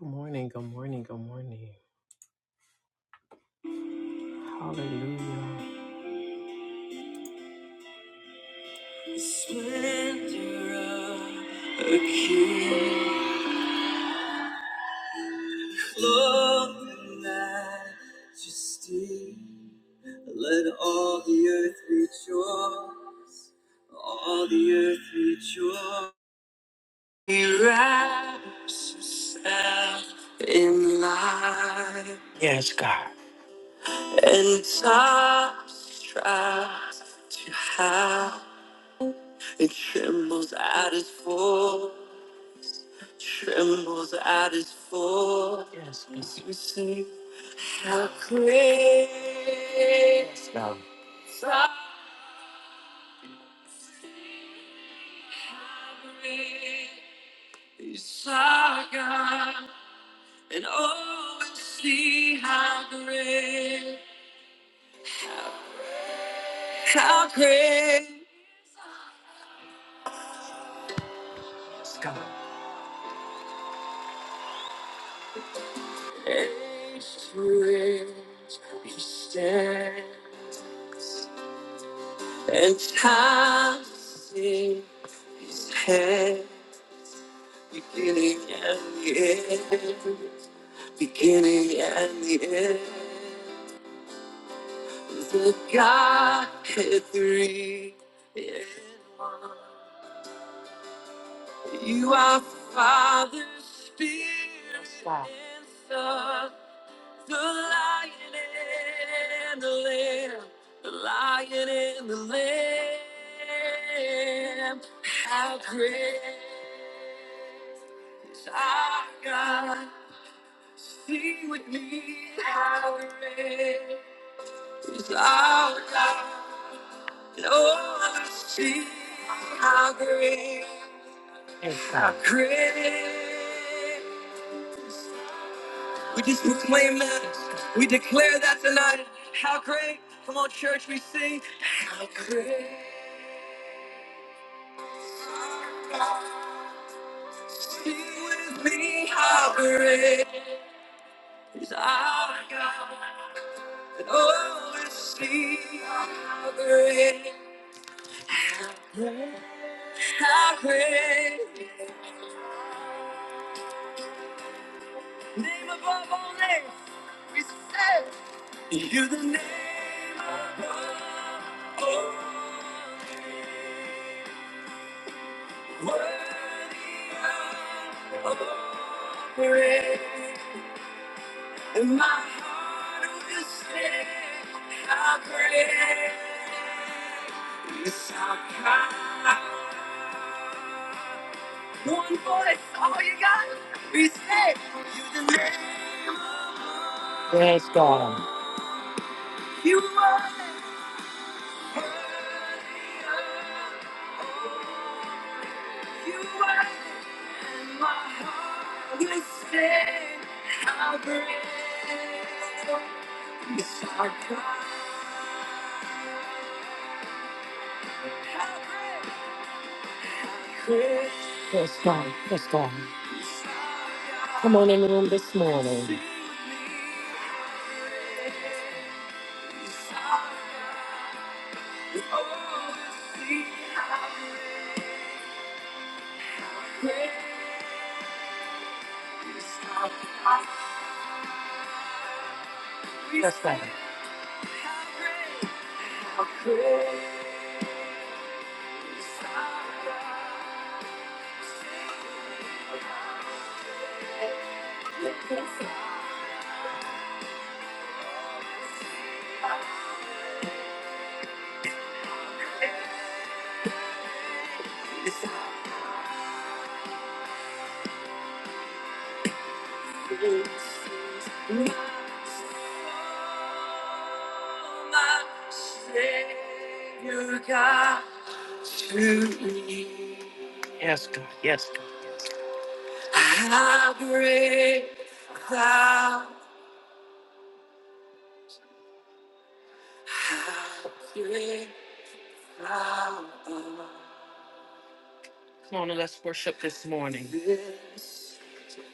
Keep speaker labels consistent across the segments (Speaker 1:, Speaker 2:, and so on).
Speaker 1: Good morning, good morning, good morning. Hallelujah. The splendor of a king, clothed in majesty. Let all the earth rejoice, all the earth rejoice. He wraps himself in light. Yes, God. And tops tries to hide. It trembles at his fall, trembles at his fall. Yes, yes. You sing, how great yes, God. thou is our God, and oh, and see how great, how great is God. Age to age, he stands. And time to see his hand, beginning and the end, beginning and the end. The God had three in one. You are Father, Spirit, Yes, God. The lion and the lamb, the lion and the lamb. How great is our God? Sing with me, how great is our God? And oh, see how great, how great. We just proclaim that. We declare that tonight. How great. Come on, church, we sing. How great. Sing with me. How great is our God. And oh, we sing. How great. How great. Name above all names. We say. You're the name above all names. Worthy of all praise. And my heart will sing how great is our God. One voice, all you got, we say, you the name. of Yes, God. You are. Yes, God. Yes, God. Come on in the room this morning. Yes, God. Yes, God. Yes, God. How great thou, how great thou art. Come on and let's worship this morning.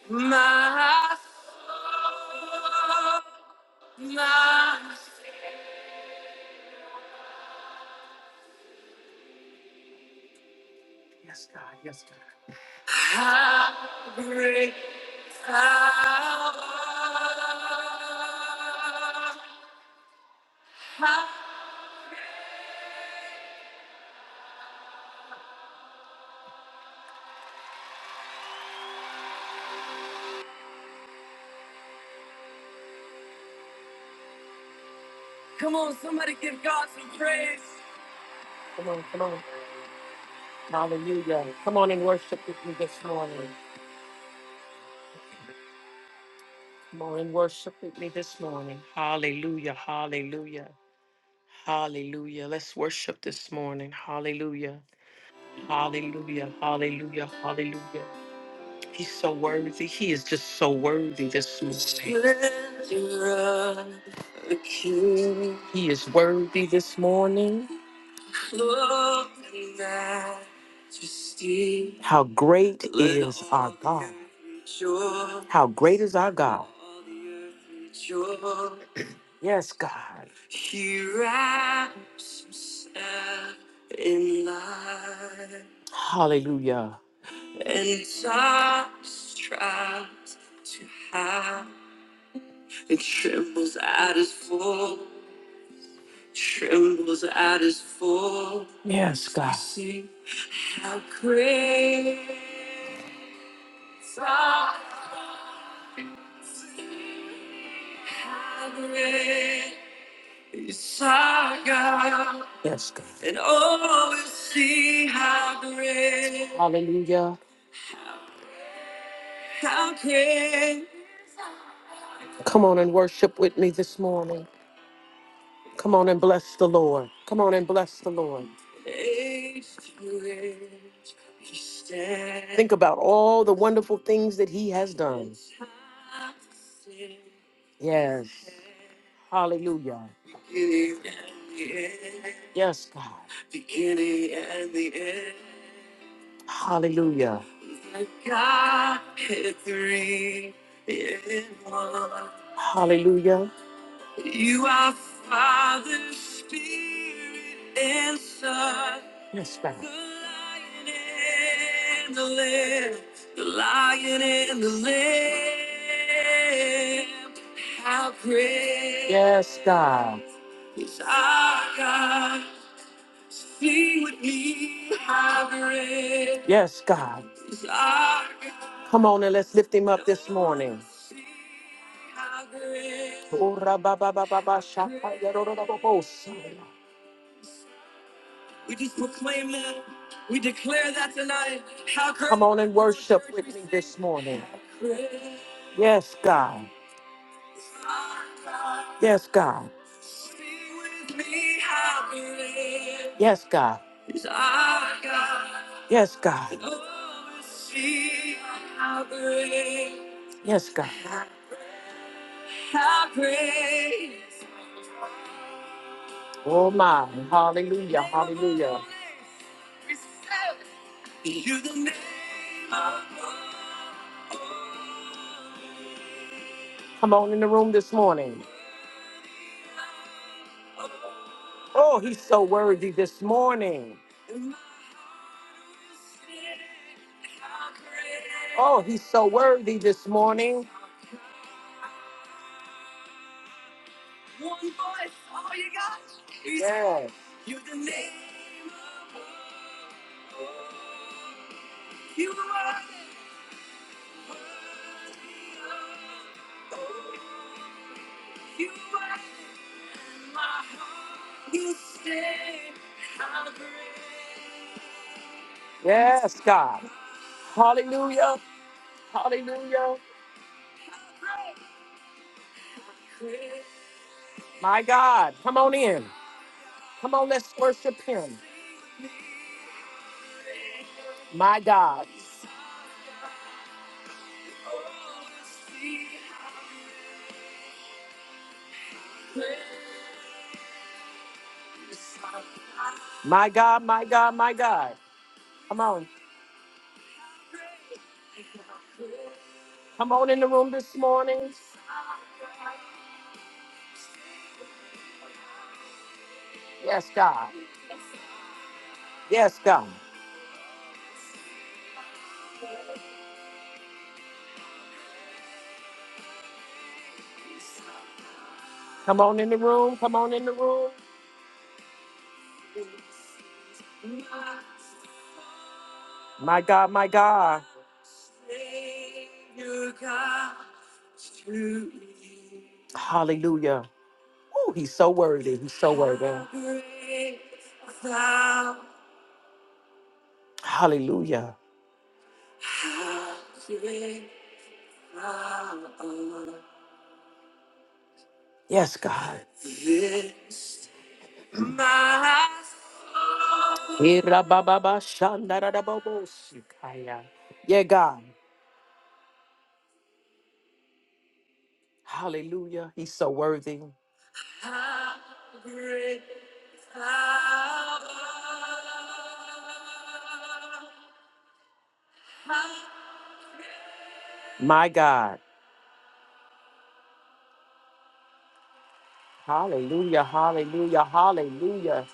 Speaker 1: My soul, my soul. Yes, God, yes, God. How great thou art. How- Come on, somebody give God some praise. Oh, hallelujah. Worship this morning. Hallelujah. Hallelujah, hallelujah, hallelujah. He's so worthy. He is just so worthy this morning. He is worthy this morning. How great is our God? How great is our God? Yes, God. He wraps himself in light. Hallelujah. And darkness tries to hide. It trembles at his fall. Trembles at his fall. Yes, God. sing, how great thou art. How great. Saga, Yes, God. and all will see how great, Hallelujah. how great. Come on and worship with me this morning. Come on and bless the Lord. Come on and bless the Lord. Age to age, he stands. Think about all the wonderful things that He has done. Yes. Hallelujah. Beginning and the end. Yes, God. Beginning and the end. Hallelujah. The God is three in one. Hallelujah. You are Father, Spirit, and Son. Yes, God. The Lion and the Lamb. The Lion and the Lamb. How great. Yes, God. Yes, our God, sing with me, how great. Yes, God. is our God. Come on and let's lift him up this morning. Sing how great. Oh, ra, ba, ba, ba, ba, ba, sha, ta, ya, ro, ro, ro, ro, ro, sa. ya. We just proclaim that. We declare that tonight. How great. Come on and worship with me this morning. How great. Yes, God. Yes, God. Yes, God. Yes, God. Yes, God. Oh, my. Hallelujah. Hallelujah. Come on in the room this morning. Oh, he's so worthy this morning. Oh, he's so worthy this morning. Yes. Yes, God. Hallelujah. Hallelujah. My God. Come on in. Come on, let's worship him. My God. My God, my God, my God. Come on. Come on in the room this morning. Yes, God. Yes, God. Come on in the room. Come on in the room. My God, my God. Hallelujah. Oh, he's so worthy. He's so worthy. Hallelujah. Yes, God. Irabababashandarababosakaya. Yeah, God. Hallelujah. He's so worthy. My God. Hallelujah. Hallelujah. Hallelujah.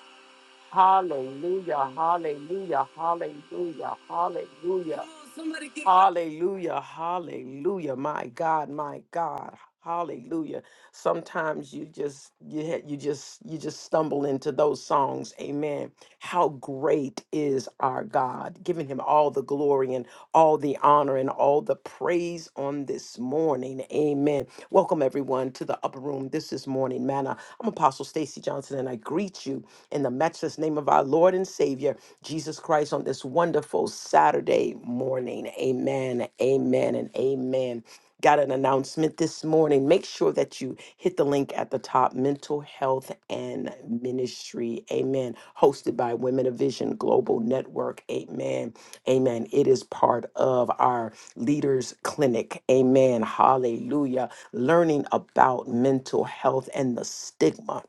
Speaker 1: Hallelujah, hallelujah, hallelujah, hallelujah. Somebody give God- Hallelujah, hallelujah. My God, my God. Hallelujah. Sometimes you just you ha- you just you just stumble into those songs. Amen. How great is our God, giving him all the glory and all the honor and all the praise on this morning. Amen. Welcome everyone to the upper room. This is morning manna. I'm Apostle Stacy Johnson and I greet you in the matchless name of our Lord and Savior, Jesus Christ, on this wonderful Saturday morning. Amen, amen, and amen. Got an announcement this morning. Make sure that you hit the link at the top Mental Health and Ministry. Amen. Hosted by Women of Vision Global Network. Amen. Amen. It is part of our Leaders Clinic. Amen. Hallelujah. Learning about mental health and the stigma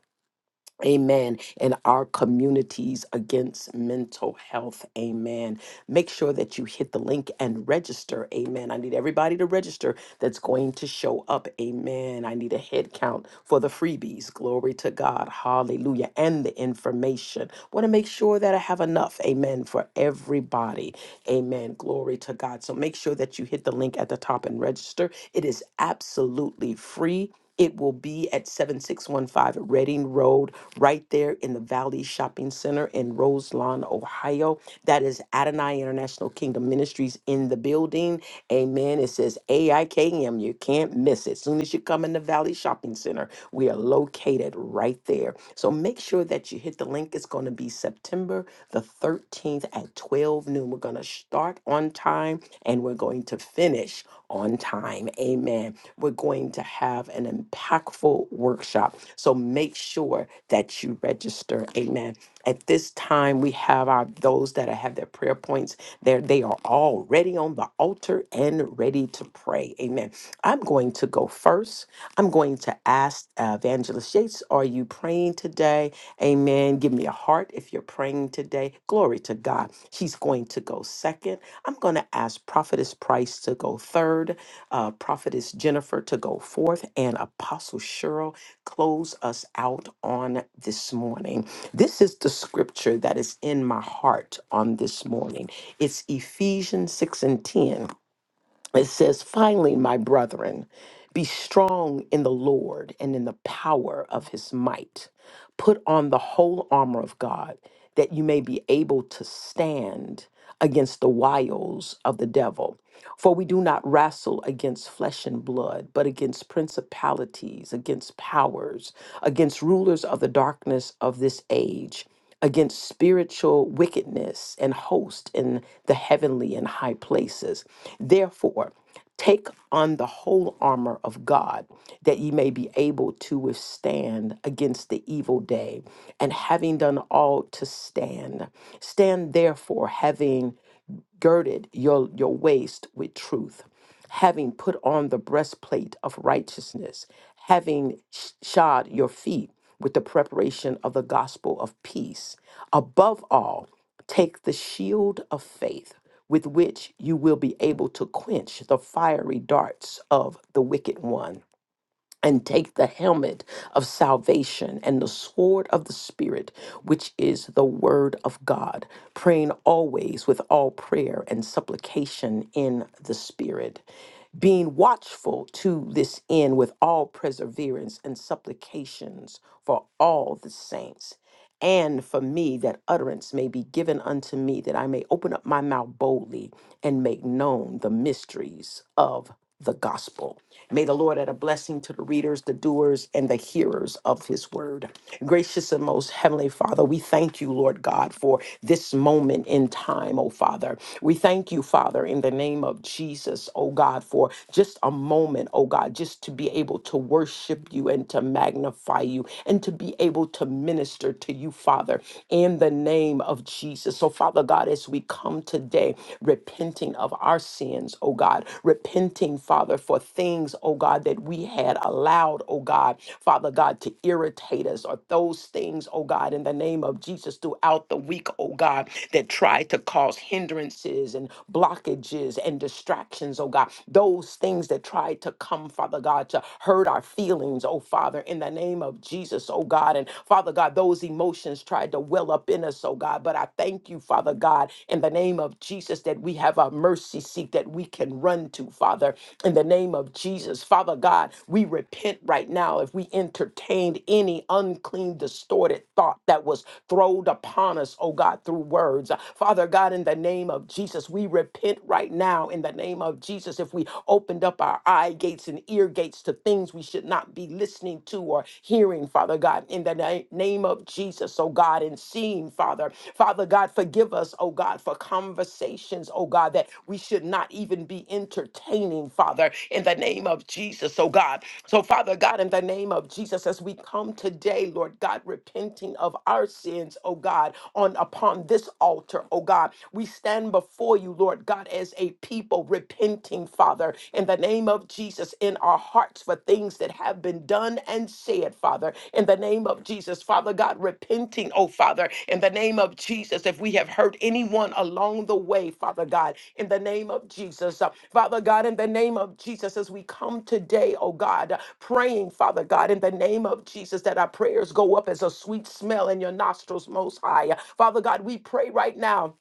Speaker 1: Amen. In our communities against mental health. Amen. Make sure that you hit the link and register. Amen. I need everybody to register that's going to show up. Amen. I need a head count for the freebies. Glory to God. Hallelujah. And the information. Want to make sure that I have enough. Amen. For everybody. Amen. Glory to God. So make sure that you hit the link at the top and register. It is absolutely free. It will be at 7615 Reading Road, right there in the Valley Shopping Center in Roselawn, Ohio. That is Adonai International Kingdom Ministries in the building. Amen. It says AIKM. You can't miss it. Soon as you come in the Valley Shopping Center, we are located right there. So make sure that you hit click the link. It's going to be September the 13th at 12 noon. We're going to start on time and we're going to finish on time. Amen. We're going to have an impactful workshop. So make sure that you register. Amen. At this time, we have our those that have their prayer points there. They are already on the altar and ready to pray. Amen. I'm going to go first. I'm going to ask uh, Evangelist Yates, are you praying today? Amen. Give me a heart if you're praying today. Glory to God going to go second. I'm going to ask Prophetess Price to go third, uh, Prophetess Jennifer to go fourth, and Apostle Cheryl close us out on this morning. This is the scripture that is in my heart on this morning. It's Ephesians 6 and 10. It says, Finally, my brethren, be strong in the Lord and in the power of his might. Put on the whole armor of God that you may be able to stand against the wiles of the devil. For we do not wrestle against flesh and blood, but against principalities, against powers, against rulers of the darkness of this age, against spiritual wickedness and host in the heavenly and high places. Therefore, Take on the whole armor of God, that ye may be able to withstand against the evil day. And having done all to stand, stand therefore, having girded your, your waist with truth, having put on the breastplate of righteousness, having sh- shod your feet with the preparation of the gospel of peace. Above all, take the shield of faith. With which you will be able to quench the fiery darts of the wicked one and take the helmet of salvation and the sword of the Spirit, which is the word of God, praying always with all prayer and supplication in the Spirit. Being watchful to this end with all perseverance and supplications for all the saints and for me that utterance may be given unto me that I may open up my mouth boldly and make known the mysteries of the gospel. May the Lord add a blessing to the readers, the doers, and the hearers of his word. Gracious and most heavenly Father, we thank you, Lord God, for this moment in time, oh Father. We thank you, Father, in the name of Jesus, oh God, for just a moment, oh God, just to be able to worship you and to magnify glorify you and to be able to minister to you, Father, in the name of Jesus. So, Father God, as we come today, repenting of our sins, oh God, repenting, Father, for things, oh God, that we had allowed, oh God, Father God, to irritate us or those things, oh God, in the name of Jesus throughout the week, oh God, that try to cause hindrances and blockages and distractions, oh God, those things that try to come, Father God, to hurt our feelings, oh Father, in the name of Jesus, oh God. And Father God, those emotions tried to well up in us, oh God. But I thank you, Father God, in the name of Jesus, that we have a mercy seat that we can run to, Father, in the name of Jesus. Father God, we repent right now if we entertained any unclean, distorted thought that was thrown upon us, oh God, through words. Father God, in the name of Jesus, we repent right now in the name of Jesus if we opened up our eye gates and ear gates to things we should not be listening to or hearing, Father God, in the na- name of Jesus, oh God, and seeing, Father. Father God, forgive us, oh God, for conversations, oh God, that we should not even be entertaining, Father, in the name of Jesus, oh God. So, Father God, in the name of Jesus, as we come today, Lord God, repenting of our sins, oh God, on upon this altar, oh God, we stand before you, Lord God, as a people repenting, Father, in the name of Jesus, in our hearts for things that have been done and said, Father, in the name of Jesus, Father God, repenting, oh Father, in the name of Jesus, if we have hurt anyone along the way, Father God, in the name of Jesus, Uh, Father God, in the name of Jesus, as we come today, oh God, uh, praying, Father God, in the name of Jesus, that our prayers go up as a sweet smell in your nostrils, most high. Father God, we pray right now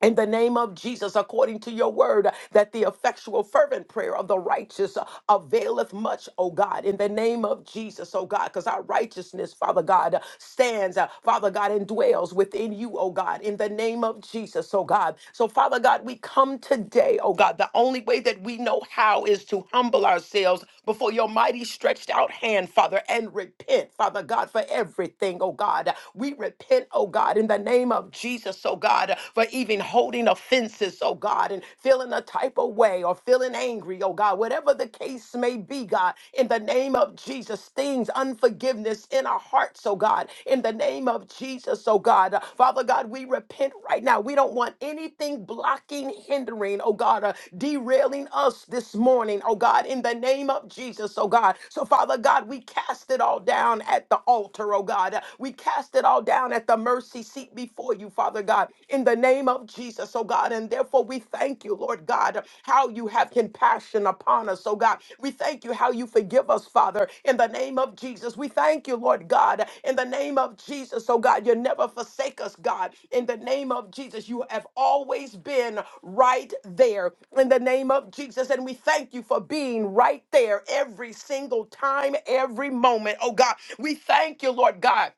Speaker 1: in the name of Jesus, according to your word, that the effectual, fervent prayer of the righteous availeth much, O God, in the name of Jesus, O God, because our righteousness, Father God, stands, uh, Father God, and dwells within you, O God, in the name of Jesus, O God. So, Father God, we come today, O God, the only way that we know how is to humble ourselves before your mighty stretched out hand, Father, and repent, Father God, for everything, O God. We repent, O God, in the name of Jesus. Jesus, oh God, for even holding offenses, oh God, and feeling a type of way or feeling angry, oh God, whatever the case may be, God, in the name of Jesus, things, unforgiveness in our hearts, oh God, in the name of Jesus, oh God. Uh, Father God, we repent right now. We don't want anything blocking, hindering, oh God, uh, derailing us this morning, oh God, in the name of Jesus, oh God. So, Father God, we cast it all down at the altar, oh God. Uh, We cast it all down at the the mercy seat before you, Father God, in the name of Jesus, oh God. And therefore, we thank you, Lord God, how you have compassion upon us, oh God. We thank you how you forgive us, Father, in the name of Jesus. We thank you, Lord God, in the name of Jesus, oh God. You never forsake us, God, in the name of Jesus. You have always been right there, in the name of Jesus. And we thank you for being right there every single time, every moment, oh God. We thank you, Lord God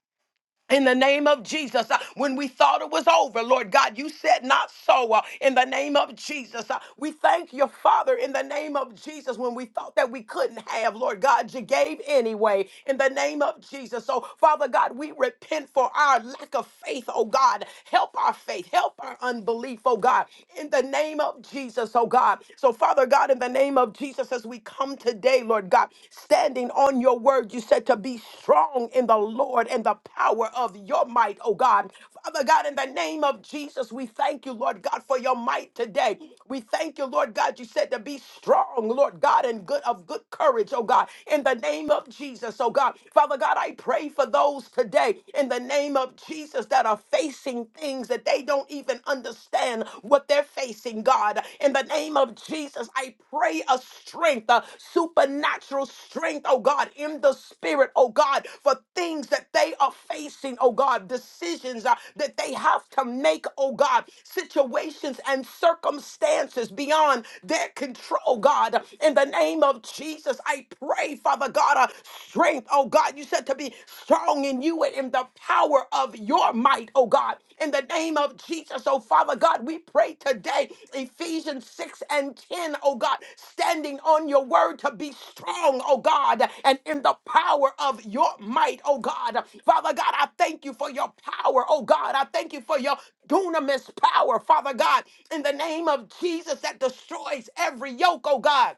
Speaker 1: in the name of Jesus, uh, when we thought it was over, Lord God, you said not so. uh, in the name of Jesus, Uh, we thank you, Father, in the name of Jesus, when we thought that we couldn't have, Lord God, you gave anyway, in the name of Jesus. So, Father God, we repent for our lack of faith, oh God. Help our faith, help our unbelief, oh God, in the name of Jesus, oh God. So, Father God, in the name of Jesus, as we come today, today, Lord God, standing on your word. You said to be strong in the Lord and the power of your might, oh God. Father God, in the name of Jesus, we thank you, Lord God, for your might today. We thank you, Lord God. You said to be strong, Lord God, and good of good courage, oh God, in the name of Jesus, oh God. Father God, I pray for those today in the name of Jesus that are facing things that they don't even understand understand what they're facing, God. In the name of Jesus, I pray a strength, a supernatural strength, oh God, in the spirit, oh God, for things that they are facing, oh God, decisions uh, that they have to make, oh God, situations and circumstances beyond their control, oh God. In the name of Jesus, I pray, Father God, uh, strength, oh God. You said to be strong strong in you and in the power of your might, oh God. In the name of Jesus, oh Father God, we pray today, Ephesians 6 and 10, O God, standing on your word to be strong, oh God, and in the power of your might, oh God. Father God, I thank you for your power, oh God. I thank you for your dunamis power, Father God, in the name of Jesus that destroys every yoke, oh God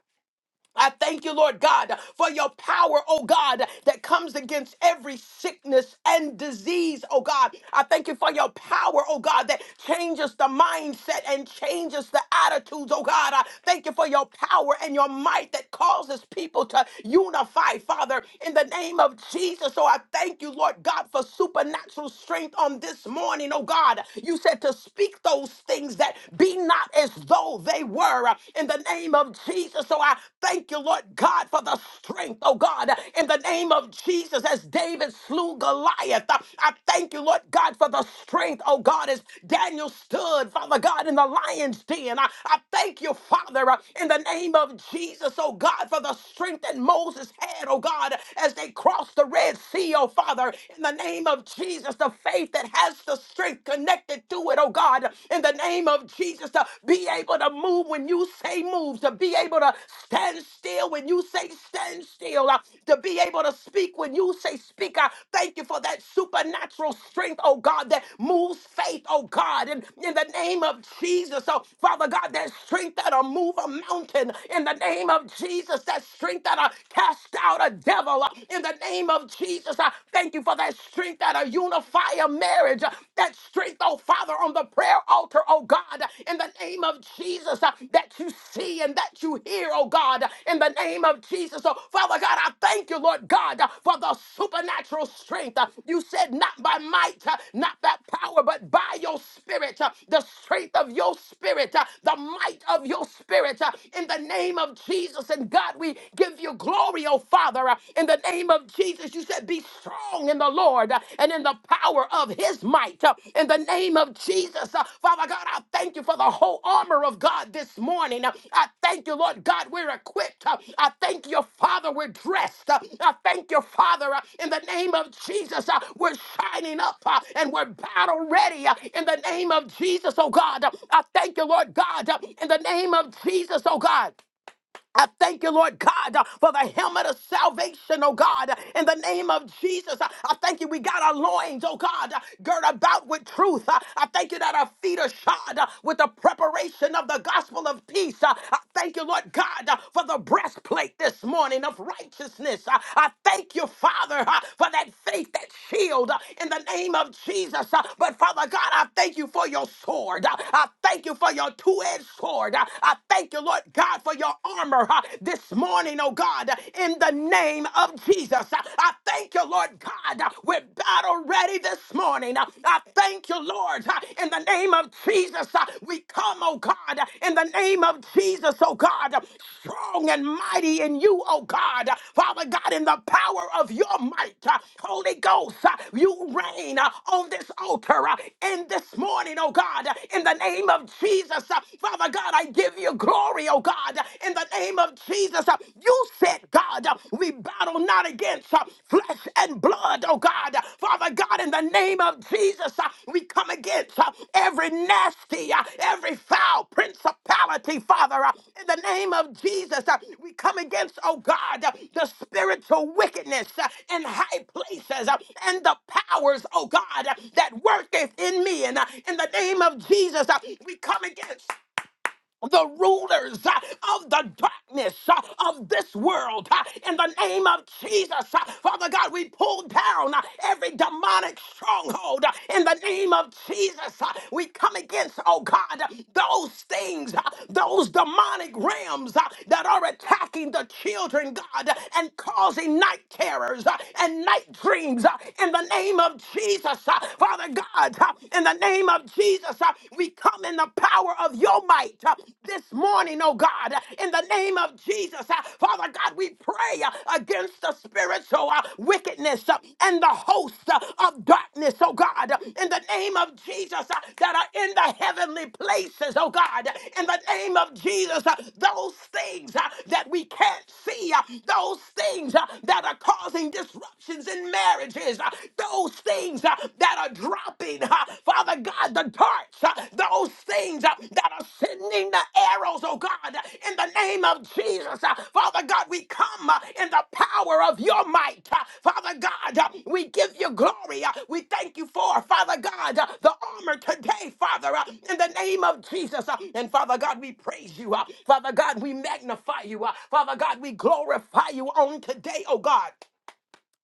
Speaker 1: I thank you, Lord God, for your power, oh God, that comes against every sickness and disease, oh God. I thank you for your power, oh God, that changes the mindset and changes the attitudes, oh God. I thank you for your power and your might that causes people to unify, Father, in the name of Jesus. So I thank you, Lord God, for supernatural strength on this morning, oh God. You said to speak those things that be not as though though they were uh, in the name of Jesus. So I thank you, Lord God, for the strength, oh God, uh, in the name of Jesus, as David slew Goliath. Uh, I thank you, Lord God, for the strength, oh God, as Daniel stood, Father God, in the lion's den. I, I thank you, Father, uh, in the name of Jesus, oh God, for the strength that Moses had, oh God, as they crossed the Red Sea, oh Father, in the name of Jesus, the faith that has the strength connected connected to it, oh God, in the name of Jesus, to be able to move when you say move, to be able to stand still when you say stand still, uh, to be able to speak when you say speak. I thank you for that supernatural strength, oh God, that moves faith, oh God, and in the name of Jesus, oh Father God, that strength that'll move a mountain, in the name of Jesus, that strength that'll cast out a devil, uh, in the name of Jesus, I thank you for that strength that'll unify a marriage, uh, that strength, oh Father, on the prayer altar, oh God, uh, in the name of Jesus, uh, that you see and that you hear, oh God, uh, in the name of Jesus. So, Father God, I thank you, Lord God, uh, for the supernatural strength. Uh, You said, not by might, uh, not by power, but by your spirit, uh, the strength of your spirit, uh, the might of your spirit, uh, in the name of Jesus. And God, we give you glory, oh Father. Father. Uh, In the name of Jesus, you said, Be strong in the Lord uh, and in the power of his might. Uh, In the name of Jesus, uh, Father God, I thank you for the whole armor of God this morning. Uh, I thank you, Lord God, we're equipped. Uh, I thank you, Father, we're dressed. Uh, I thank you, Father, uh, in the name of Jesus, uh, we're shining up uh, and we're battle ready uh, in the name of Jesus, oh God. Uh, I thank you, Lord God, uh, in the name of Jesus, oh God. I thank you, Lord God, uh, for the helmet of salvation, oh God, uh, in the name of Jesus. Uh, I thank you, we got our loins, oh God, uh, girt about with truth. Uh, I thank you that our feet are shod uh, with the preparation of the gospel of peace. Uh, I thank you, Lord God, uh, for the breastplate this morning of righteousness. Uh, I thank you, Father, uh, for that faith, that shield uh, in the name of Jesus. Uh, But Father God, I thank you for your sword. Uh, I thank you for your two edged sword. Uh, I thank you, Lord God. God, for your armor huh, this morning, oh God, uh, in the name of Jesus. Uh, I thank you, Lord God. Uh, We're battle ready this morning. Uh, I thank you, Lord, uh, in the name of Jesus. Uh, We come, oh God, uh, in the name of Jesus, oh God, uh, strong and mighty in you, oh God. Uh, Father God, in the power of your might, uh, Holy Ghost, uh, you reign uh, on this altar uh, in this morning, oh God, uh, in the name of Jesus. Uh, Father God, I give give you glory, oh God, in the name of Jesus. You said, God, we battle not against uh, flesh and blood, oh God. Father God, in the name of Jesus, uh, we come against uh, every nasty, uh, every foul principality, Father. uh, In the name of Jesus, uh, we come against, oh God, uh, the spiritual wickedness uh, in high places uh, and the powers, oh God, uh, that worketh in me. And uh, in the name of Jesus, uh, we come against the rulers uh, of the darkness uh, of this world uh, in the name of Jesus. uh, Father God, we pull down uh, every demonic stronghold uh, in the name of Jesus. uh, We come against, oh God, uh, those things, uh, those demonic realms uh, that are attacking the children, God, uh, and causing night terrors uh, and night dreams uh, in the name of Jesus. uh, Father God, uh, in the name of Jesus. Jesus, uh, we come in the power of your might uh, this morning, oh God, uh, in the name of Jesus. uh, Father God, we pray uh, against the spiritual uh, wickedness uh, and the host uh, of darkness, oh God, uh, in the name of Jesus, uh, that are in the heavenly places, oh God, uh, in the name of Jesus, uh, those things uh, that we can't see, uh, those things uh, that are causing disruptions in marriages, uh, those things things uh, that are dropping, uh, Father God, the darts, uh, those things uh, that are sending the arrows, oh God, in the name of Jesus. uh, Father God, we come uh, in the power of your might. uh, Father God, uh, we give you glory. uh, We thank you for, Father God, uh, the armor today, Father, uh, in the name of Jesus. uh, And Father God, we praise you. uh, Father God, we magnify you. uh, Father God, we glorify you on today, oh God.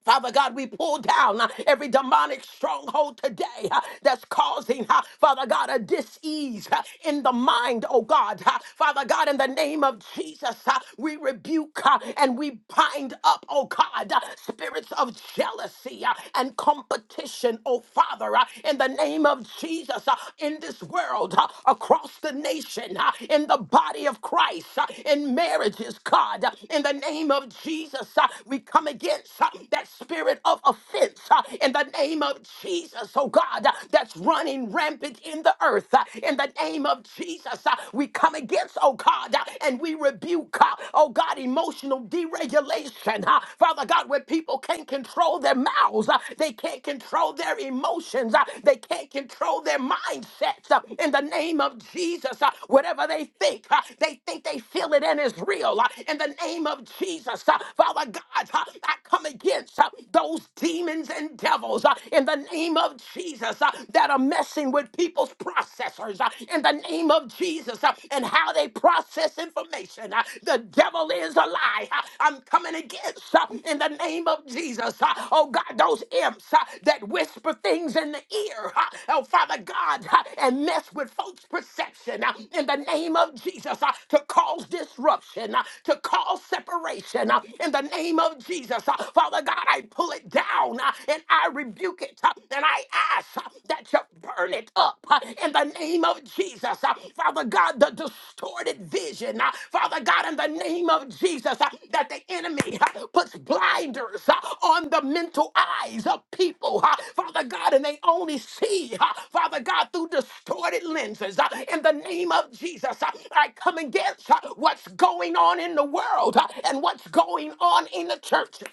Speaker 1: Father God, we pull down uh, every demonic stronghold today uh, that's causing, uh, Father God, a dis-ease uh, in the mind, oh God. uh, Father God, in the name of Jesus, uh, we rebuke uh, and we bind up, oh God, uh, spirits of jealousy uh, and competition, oh Father, uh, in the name of Jesus, uh, in this world, uh, across the nation, uh, in the body of Christ, uh, in marriages, God, uh, in the name of Jesus, uh, we come against. uh, that spirit of offense uh, in the name of Jesus, oh God, uh, that's running rampant in the earth. uh, In the name of Jesus, uh, we come against, oh God, uh, and we rebuke, uh, oh God, emotional deregulation. uh, Father God, where people can't control their mouths, uh, they can't control their emotions, uh, they can't control their mindsets. uh, In the name of Jesus, uh, whatever they think, uh, they think they feel it and it's real. uh, In the name of Jesus, uh, Father God, uh, I come against against uh, those demons and devils uh, in the name of Jesus uh, that are messing with people's processors uh, in the name of Jesus uh, and how they process information. uh, The devil is a lie. uh, I'm coming against uh, in the name of Jesus. uh, Oh God, those imps uh, that whisper things in the ear. uh, Oh Father God, uh, and mess with folks' perception uh, in the name of Jesus uh, to cause disruption, uh, to cause separation uh, in the name of Jesus. Uh, Father God, I pull it down uh, and I rebuke it uh, and I ask uh, that you burn it up uh, in the name of Jesus. Uh, Father God, the distorted vision, uh, Father God, in the name of Jesus, uh, that the enemy uh, puts blinders uh, on the mental eyes of people, uh, Father God, and they only see, uh, Father God, through distorted lenses. uh, In the name of Jesus, uh, I come against uh, what's going on in the world uh, and what's going on in the church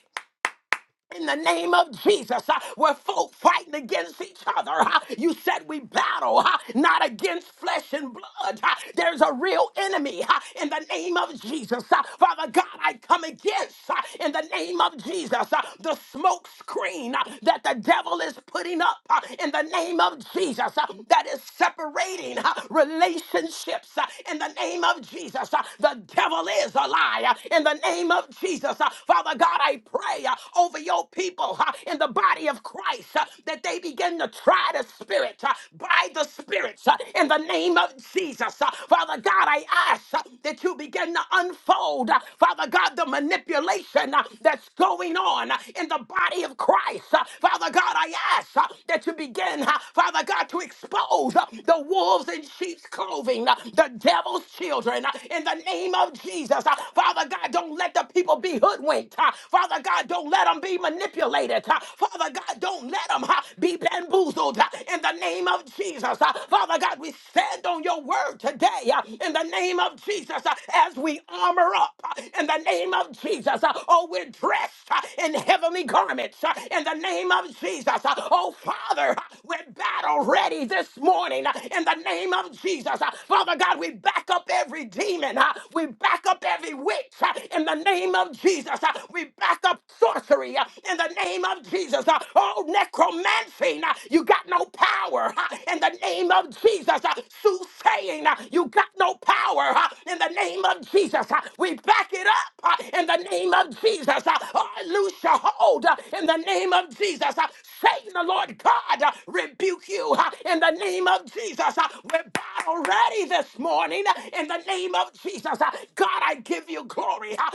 Speaker 1: in the name of Jesus, uh, we're folk fighting against each other. uh, you said we battle uh, not against flesh and blood. uh, there's a real enemy uh, in the name of Jesus. uh, Father God, I come against uh, in the name of Jesus uh, the smoke screen uh, that the devil is putting up uh, in the name of Jesus uh, that is separating uh, relationships uh, in the name of Jesus. uh, the devil is a liar huh, in the name of Jesus. uh, Father God, I pray uh, over your people uh, in the body of Christ uh, that they begin to try the Spirit uh, by the Spirit uh, in the name of Jesus. Uh, Father God, I ask uh, that you begin to unfold, uh, Father God, the manipulation uh, that's going on uh, in the body of Christ. Uh, Father God, I ask uh, that you begin, uh, Father God, to expose uh, the wolves in sheep's clothing, uh, the devil's children, uh, in the name of Jesus. Uh, Father God, don't don't let the people be hoodwinked. huh? Father God, don't let them be manipulated. huh? Father God, don't let them uh, be bamboozled huh? in the name of Jesus. huh? Father God, we stand on your word today huh? in the name of Jesus huh? as we armor up huh? in the name of Jesus. huh? Oh, we're dressed huh? in heavenly garments huh? in the name of Jesus. huh? Oh, Father, huh? we're battle ready this morning huh? in the name of Jesus. huh? Father God, we back up every demon. huh? We back up every witch uh, in the name of Jesus. uh, We back up sorcery uh, in the name of Jesus. uh, Oh, necromancy, uh, you got no power uh, in the name of Jesus. uh, Soothsaying, uh, you got no power uh, in the name of Jesus. uh, We back it up uh, in the name of Jesus. uh, Oh, loose your hold uh, in the name of Jesus. uh, Satan, the Lord God, uh, rebuke you uh, in the name of Jesus. uh, We're battle ready this morning uh, in the name of Jesus. Uh, God, I give you glory. Uh,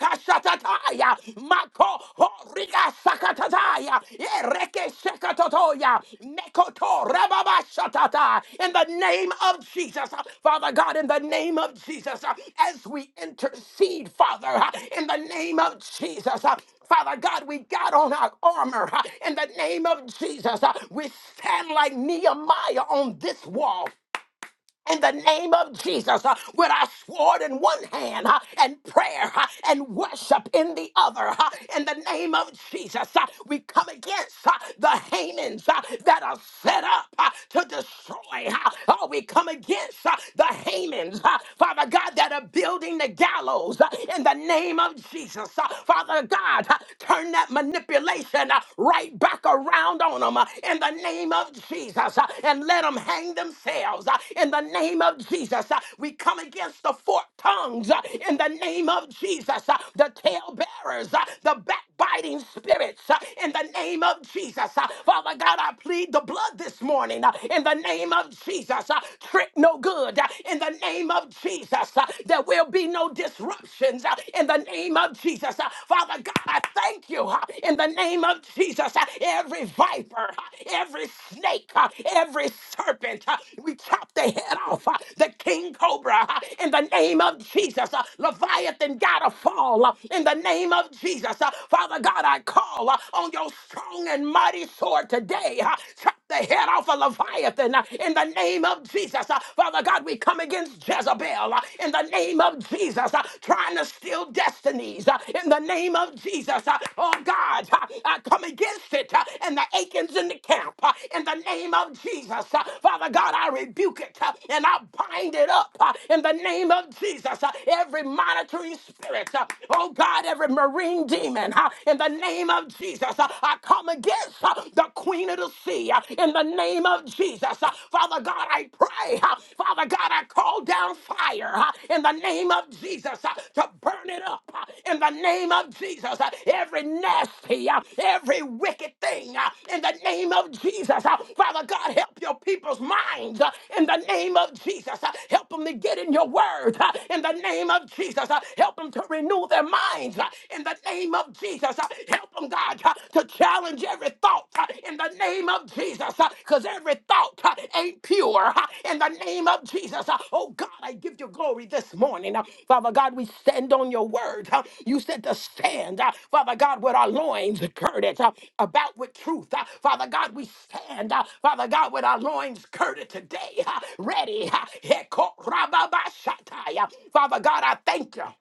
Speaker 1: Erabakashatataya, makohorigasakatataya, erekeshekatotoya, mekotorababashatata. In the name of Jesus, Uh, Father God, in the name of Jesus, uh, as we intercede, Father, uh, in the name of Jesus, uh, Father God, we got on our armor uh, in the name of Jesus. uh, We stand like Nehemiah on this wall in the name of Jesus uh, with our sword in one hand uh, and prayer uh, and worship in the other. uh, in the name of Jesus, uh, we come against uh, the Hamans uh, that are set up uh, to destroy. Uh, oh, we come against uh, the Hamans, uh, Father God, that are building the gallows uh, in the name of Jesus. uh, Father God, uh, turn that manipulation uh, right back around on them them uh, in the name of Jesus uh, and let them hang themselves uh, in the name of Jesus. uh, We come against the forked tongues uh, in the name of Jesus, uh, the tail bearers, uh, the backbiting spirits uh, in the name of Jesus. uh, Father God, I plead the blood this morning uh, in the name of Jesus. uh, Trick no good uh, in the name of Jesus. uh, There will be no disruptions uh, in the name of Jesus. uh, Father, Father God, I thank you uh, in the name of Jesus. uh, Every viper, uh, every snake, uh, every serpent, uh, we chop the head off. uh, The king cobra uh, in the name of Jesus. uh, Leviathan gotta fall uh, in the name of Jesus. uh, Father God, I call uh, on your strong and mighty sword today. uh, Chop the head off of Leviathan uh, in the name of Jesus. Uh, Father God, we come against Jezebel. uh, uh, in the name of Jesus, uh, trying to steal destinies uh, in the name of Jesus. uh, Oh God, uh, I come against it uh, and the Achans in the camp uh, in the name of Jesus. uh, Father God, I rebuke it uh, and I bind it up uh, in the name of Jesus. uh, Every monitoring spirit, uh, oh God, every marine demon uh, in the name of Jesus, uh, I come against uh, the queen of the sea uh, in the name of Jesus. Jesus. Uh, Father God, I pray. uh, Father God, I call down fire uh, in the name of Jesus uh, to burn it up uh, in the name of Jesus. uh, Every nasty, uh, every wicked thing uh, in the name of Jesus. uh, Father God, help your people's minds uh, in the name of Jesus. uh, Help them to get in your word uh, in the name of Jesus. uh, Help them to renew their minds uh, in the name of Jesus. uh, Help them, God. God, uh, to challenge every thought uh, in the name of Jesus, because every thought uh, ain't pure uh, in the name of Jesus. Uh, Oh God, I give you glory this morning. Uh, Father God, we stand on your word. uh, You said to stand, uh, Father God, with our loins girded uh, about with truth. Uh, Father God, we stand, uh, Father God, with our loins girded today, uh, ready. uh, Father God, I thank you.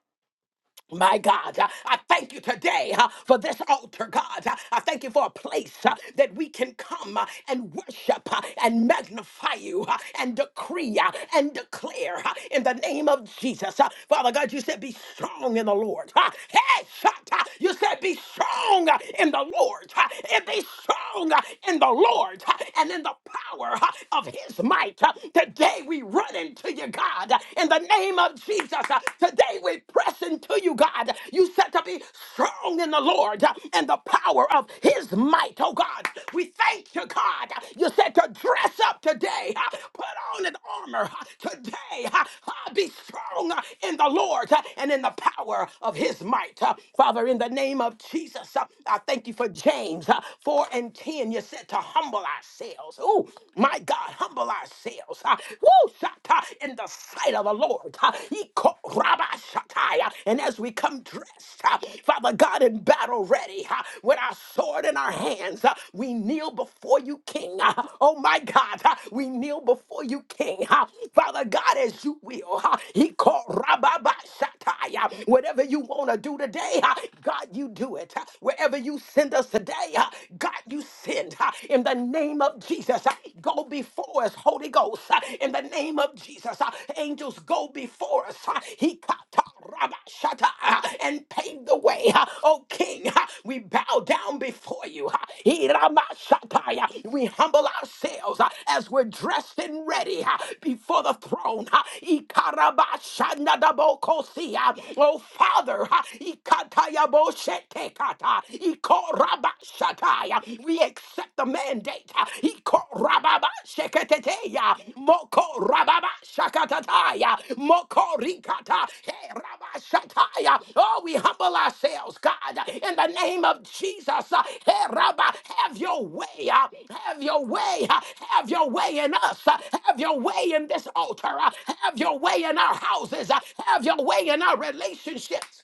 Speaker 1: My God, uh, I thank you today uh, for this altar, God. Uh, I thank you for a place uh, that we can come uh, and worship uh, and magnify you uh, and decree uh, and declare uh, in the name of Jesus. Uh, Father God, you said, Be strong in the Lord. Uh, Hey, shut uh, You said, Be strong uh, in the Lord. Uh, And be strong uh, in the Lord uh, and in the power uh, of his might. Uh, Today we run into you, God, uh, in the the name of Jesus. Uh, Today we press into you, God. You said to be strong in the Lord uh, and the power of his might, oh God. We thank you, God. You said to dress up today, uh, put on an armor uh, today. uh, uh, Be strong uh, in the Lord uh, and in the power of his might. Uh, Father, in the name of Jesus, uh, I thank you for James uh, 4 and 10. You said to humble ourselves. Oh, my God, humble ourselves ourselves uh, woo, shata, in the sight of the Lord. uh, iko- raba shatai, uh, And as we come dressed, uh, Father God, in battle ready, uh, with our sword in our hands, uh, we kneel before you, King. uh, Oh my God, uh, we kneel before you, King. uh, Father God, as you will. uh, iko- raba ba shatai, uh, Whatever you want to do today, uh, God, you do it. uh, Wherever you send us today, uh, God, you send. uh, in the name of Jesus. Uh, Go before us, Holy Ghost, Uh, in the name of Jesus. uh, Angels, go before us. Uh, He kata uh, and pave the way. Uh, Oh King, uh, we bow down before you. Uh, He rama uh, yeah. We humble ourselves uh, as we're dressed and ready uh, before the throne. Uh, Ikaraba shana si, uh, Oh Father, uh, ikata kata, Ikorabashataya. We accept the mandate. Ikorababasheketeteya. Mokorababashakatataya. Mokorikata. Herabashataya. Oh, we humble ourselves, God, in the name of Jesus. Heraba, Have your way. uh, Have your way. uh, Have your way in us. uh, Have your way in this altar. uh, Have your way in our houses. uh, Have your way in our relationships.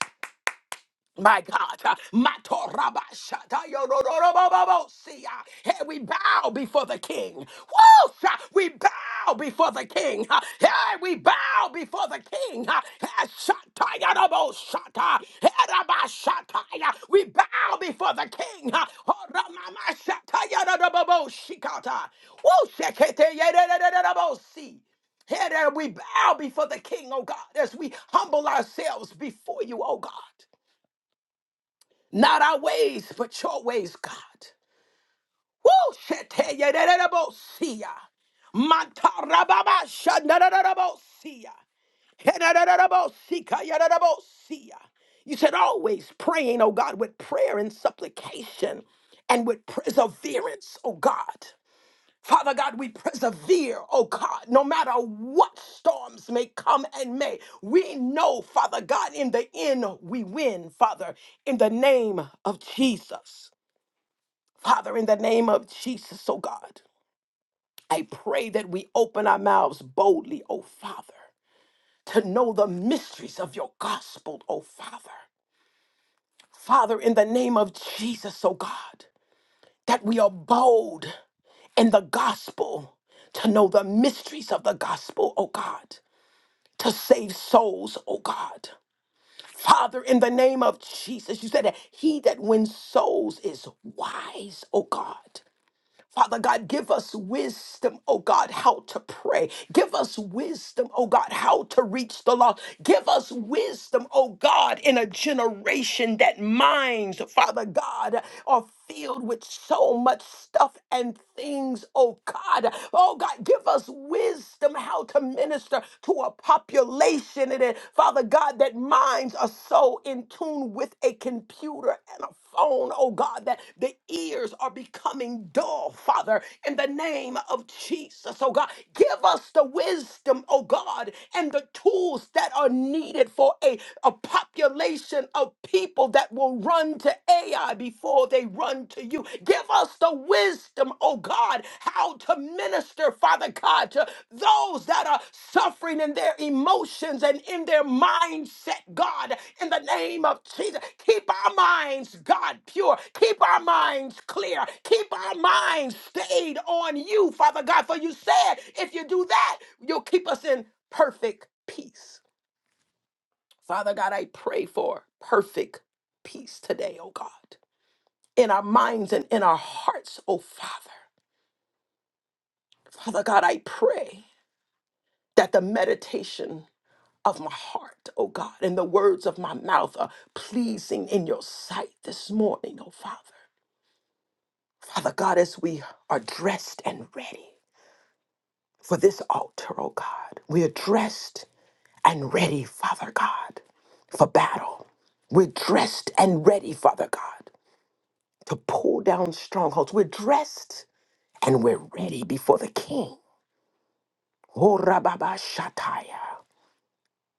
Speaker 1: My God, Matorabashatayorororobobosia. Hey, we bow before the King. Woo! Sha- We bow before the King. uh, Hey, we bow before the King. uh, Hey, Shatayarobosata. Hey, Rabashataya. We bow before the King. Horamamashatayaroboboshikata. Woo! Sheketeyererererebosi. Hey, there we bow before the King, oh God, as we humble ourselves before you, oh God. Not our ways, but your ways, God. Woo! Sheteyererebosia. Mantarababa shanarerebosia. Henererebosia, You said always praying, oh God, with prayer and supplication and with perseverance, oh God. Father God, we persevere, oh God, no matter what storms may come and may. We know, Father God, in the end we win, Father, in the name of Jesus. Father, in the name of Jesus, oh God, I pray that we open our mouths boldly, oh Father, to know the mysteries of your gospel, oh Father. Father, in the name of Jesus, oh God, that we are bold in the gospel, to know the mysteries of the gospel, oh God, to save souls, oh God. Father, in the name of Jesus, you said that he that wins souls is wise, oh God. Father God, give us wisdom, oh God, how to pray. Give us wisdom, oh God, how to reach the lost. Give us wisdom, oh God, in a generation that minds, Father God, are filled with so much stuff and things, oh God. Oh God, give us wisdom how to minister to a population. And then, Father Father God, that minds are so in tune with a computer and a phone, oh God, that the ears are becoming dull, Father, in the name of Jesus, oh God. Give us the wisdom, oh God, and the tools that are needed for a, a population of people that will run to AI before they run to you. Give us the wisdom, oh God, how to minister, Father God, to those that are suffering in their emotions and in their mindset, God, in the name of Jesus. Keep our minds, God, pure. Keep our minds clear. Keep our minds stayed on you, Father God, for you said if you do that, you'll keep us in perfect peace. Father God, I pray for perfect peace today, oh God, in our minds and in our hearts, oh Father. Father God, I pray that the meditation of my heart, oh God, and the words of my mouth are pleasing in your sight this morning, oh Father. Father God, as we are dressed and ready for this altar, oh God, we are dressed and ready, Father God, for battle. We're dressed and ready, Father God, to pull down strongholds. We're dressed and we're ready before the King. Oh, Rababa Shataya.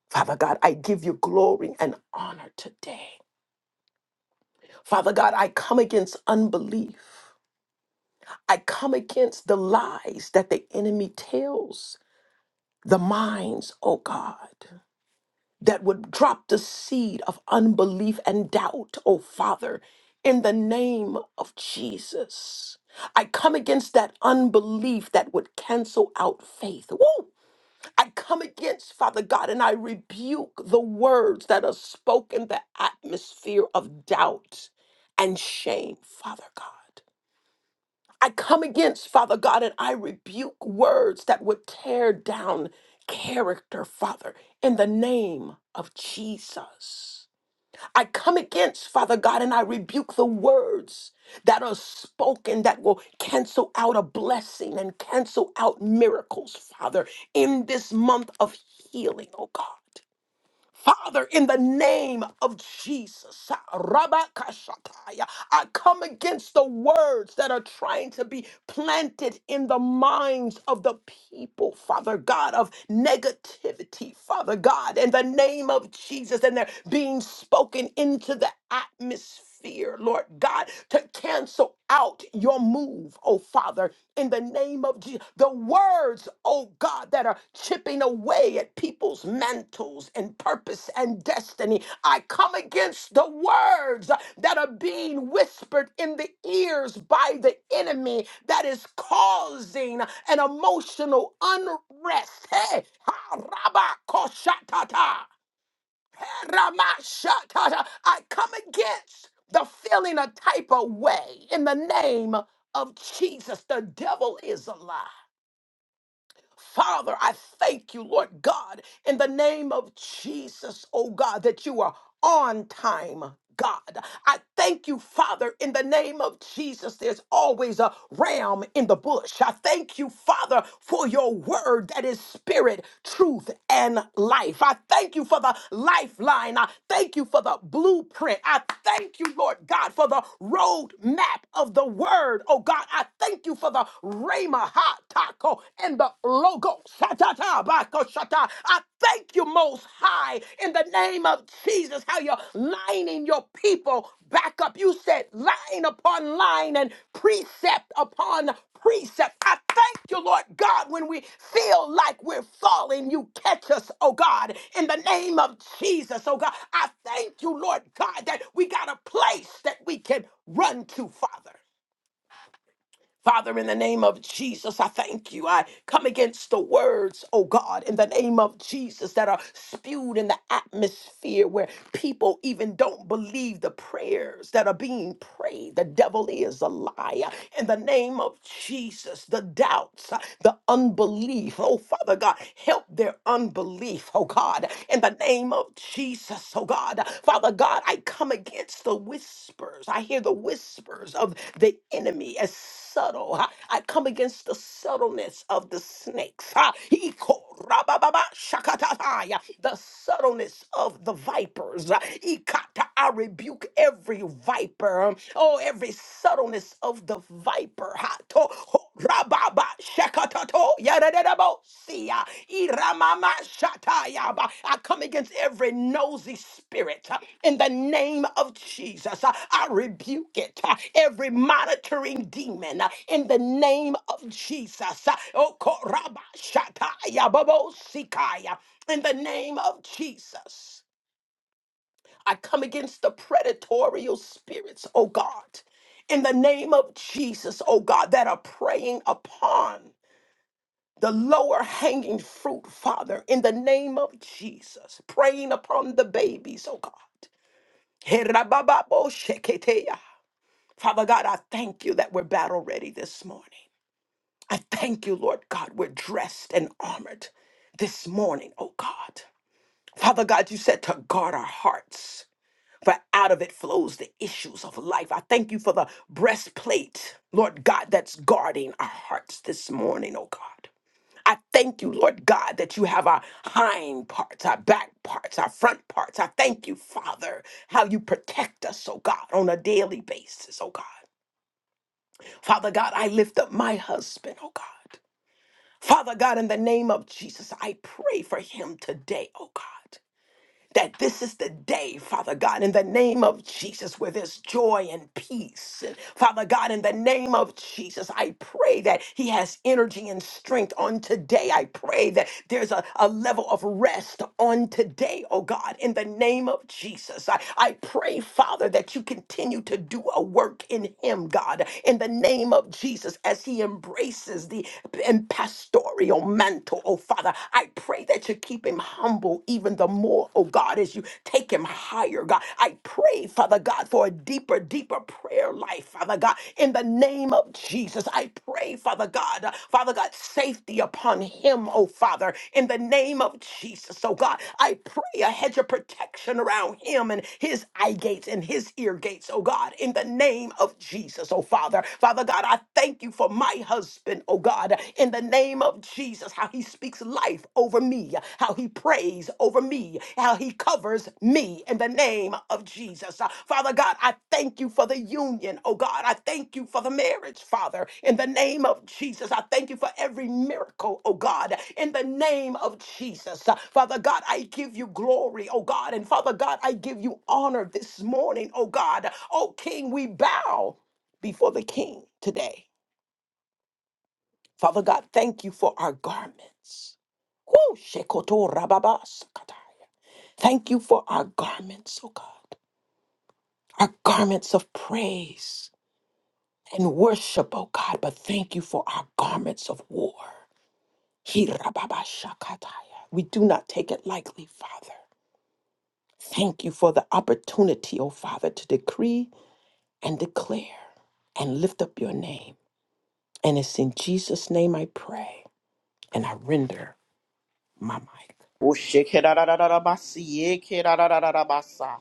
Speaker 1: Father God, I give you glory and honor today. Father God, I come against unbelief. I come against the lies that the enemy tells the minds, oh God, that would drop the seed of unbelief and doubt, oh Father, in the name of Jesus. I come against that unbelief that would cancel out faith. Woo! I come against, Father God, and I rebuke the words that are spoken, the atmosphere of doubt and shame, Father God. I come against, Father God, and I rebuke words that would tear down character, Father, in the name of Jesus. I come against, Father God, and I rebuke the words that are spoken that will cancel out a blessing and cancel out miracles, Father, in this month of healing, oh God. Father, in the name of Jesus, Rabakashataya, I come against the words that are trying to be planted in the minds of the people, Father God, of negativity, Father God, in the name of Jesus, and they're being spoken into the atmosphere fear, Lord God, to cancel out your move, oh Father, in the name of Jesus. The words, oh God, that are chipping away at people's mantles and purpose and destiny. I come against the words that are being whispered in the ears by the enemy that is causing an emotional unrest. Hey, ha, rabba, koshatata. Ramashakata. I come against the feeling a type of way in the name of Jesus. The devil is a lie. Father, I thank you, Lord God, in the name of Jesus, oh God, that you are on time. God, I thank you, Father, in the name of Jesus. There's always a ram in the bush. I thank you, Father, for your word that is spirit, truth, and life. I thank you for the lifeline. I thank you for the blueprint. I thank you, Lord God, for the road map of the word. Oh God, I thank you for the Rhema, ha, taco, and the logo. Shatata, bako, shata. I thank you most high in the name of Jesus, how you're lining your people back up. You said line upon line and precept upon precept. I thank you, Lord God, when we feel like we're falling, you catch us, oh God, in the name of Jesus, oh God. I thank you, Lord God, that we got a place that we can run to, Father. Father, in the name of Jesus, I thank you. I come against the words, oh God, in the name of Jesus that are spewed in the atmosphere where people even don't believe the prayers that are being prayed. The devil is a liar. In the name of Jesus, the doubts, uh, the unbelief, oh Father God, help their unbelief, oh God. In the name of of Jesus, oh God. Father God, I come against the whispers. I hear the whispers of the enemy as subtle. huh? I come against the subtleness of the snakes. huh? Iko rabababa shakatataya. The subtleness of the vipers. huh? Ikata, I rebuke every viper. um, Oh, every subtleness of the viper. huh? To- ho- rababa Ekatoto yadadadabo siya iramama shatayaba. I come against every nosy spirit uh, in the name of Jesus. Uh, I rebuke it. uh, Every monitoring demon uh, in the name of Jesus. Uh, Okoraba shatayababo sikaya. In the name of Jesus. I come against the predatorial spirits, oh God, in the name of Jesus, oh God, that are preying upon the lower hanging fruit, Father, in the name of Jesus, praying upon the babies, oh God. Herabababosheketeya. Father God, I thank you that we're battle ready this morning. I thank you, Lord God, we're dressed and armored this morning, oh God. Father God, you said to guard our hearts, for out of it flows the issues of life. I thank you for the breastplate, Lord God, that's guarding our hearts this morning, oh God. I thank you, Lord God, that you have our hind parts, our back parts, our front parts. I thank you, Father, how you protect us, oh God, on a daily basis, oh God. Father God, I lift up my husband, oh God. Father God, in the name of Jesus, I pray for him today, oh God that this is the day, Father God, in the name of Jesus, where there's joy and peace. And Father God, in the name of Jesus, I pray that He has energy and strength on today. I pray that there's a, a level of rest on today, oh God, in the name of Jesus. I, I pray, Father, that you continue to do a work in Him, God, in the name of Jesus, as He embraces the pastoral mantle, oh Father. I pray that you keep him humble even the more, oh God, as you take him higher, God. I pray, Father God, for a deeper, deeper prayer life, Father God, in the name of Jesus. I pray, Father God, uh, Father God, safety upon him, oh Father, in the name of Jesus, oh God. I pray a hedge of protection around him and his eye gates and his ear gates, oh God, in the name of Jesus, oh Father. Father God, I thank you for my husband husband, oh God, in the name of Jesus, how he speaks life over me, how he prays over me, how he covers me in the name of Jesus. Uh, Father God, I thank you for the union, oh God. I thank you for the marriage, Father, in the name of Jesus. I thank you for every miracle, oh God, in the name of Jesus. Uh, Father God, I give you glory, oh God, and Father God, I give you honor this morning, oh God. Oh King, we bow before the King today. Father God, thank you for our garments. Woo, shekoto rababa sakataya. Thank you for our garments, oh God, our garments of praise and worship, oh God, but thank you for our garments of war. He rababa shakataya. We do not take it lightly, Father. Thank you for the opportunity, oh Father, to decree and declare and lift up your name. And it's in Jesus' name I pray and I render my mic.
Speaker 2: Oshekerarararabasiekerarararabasa.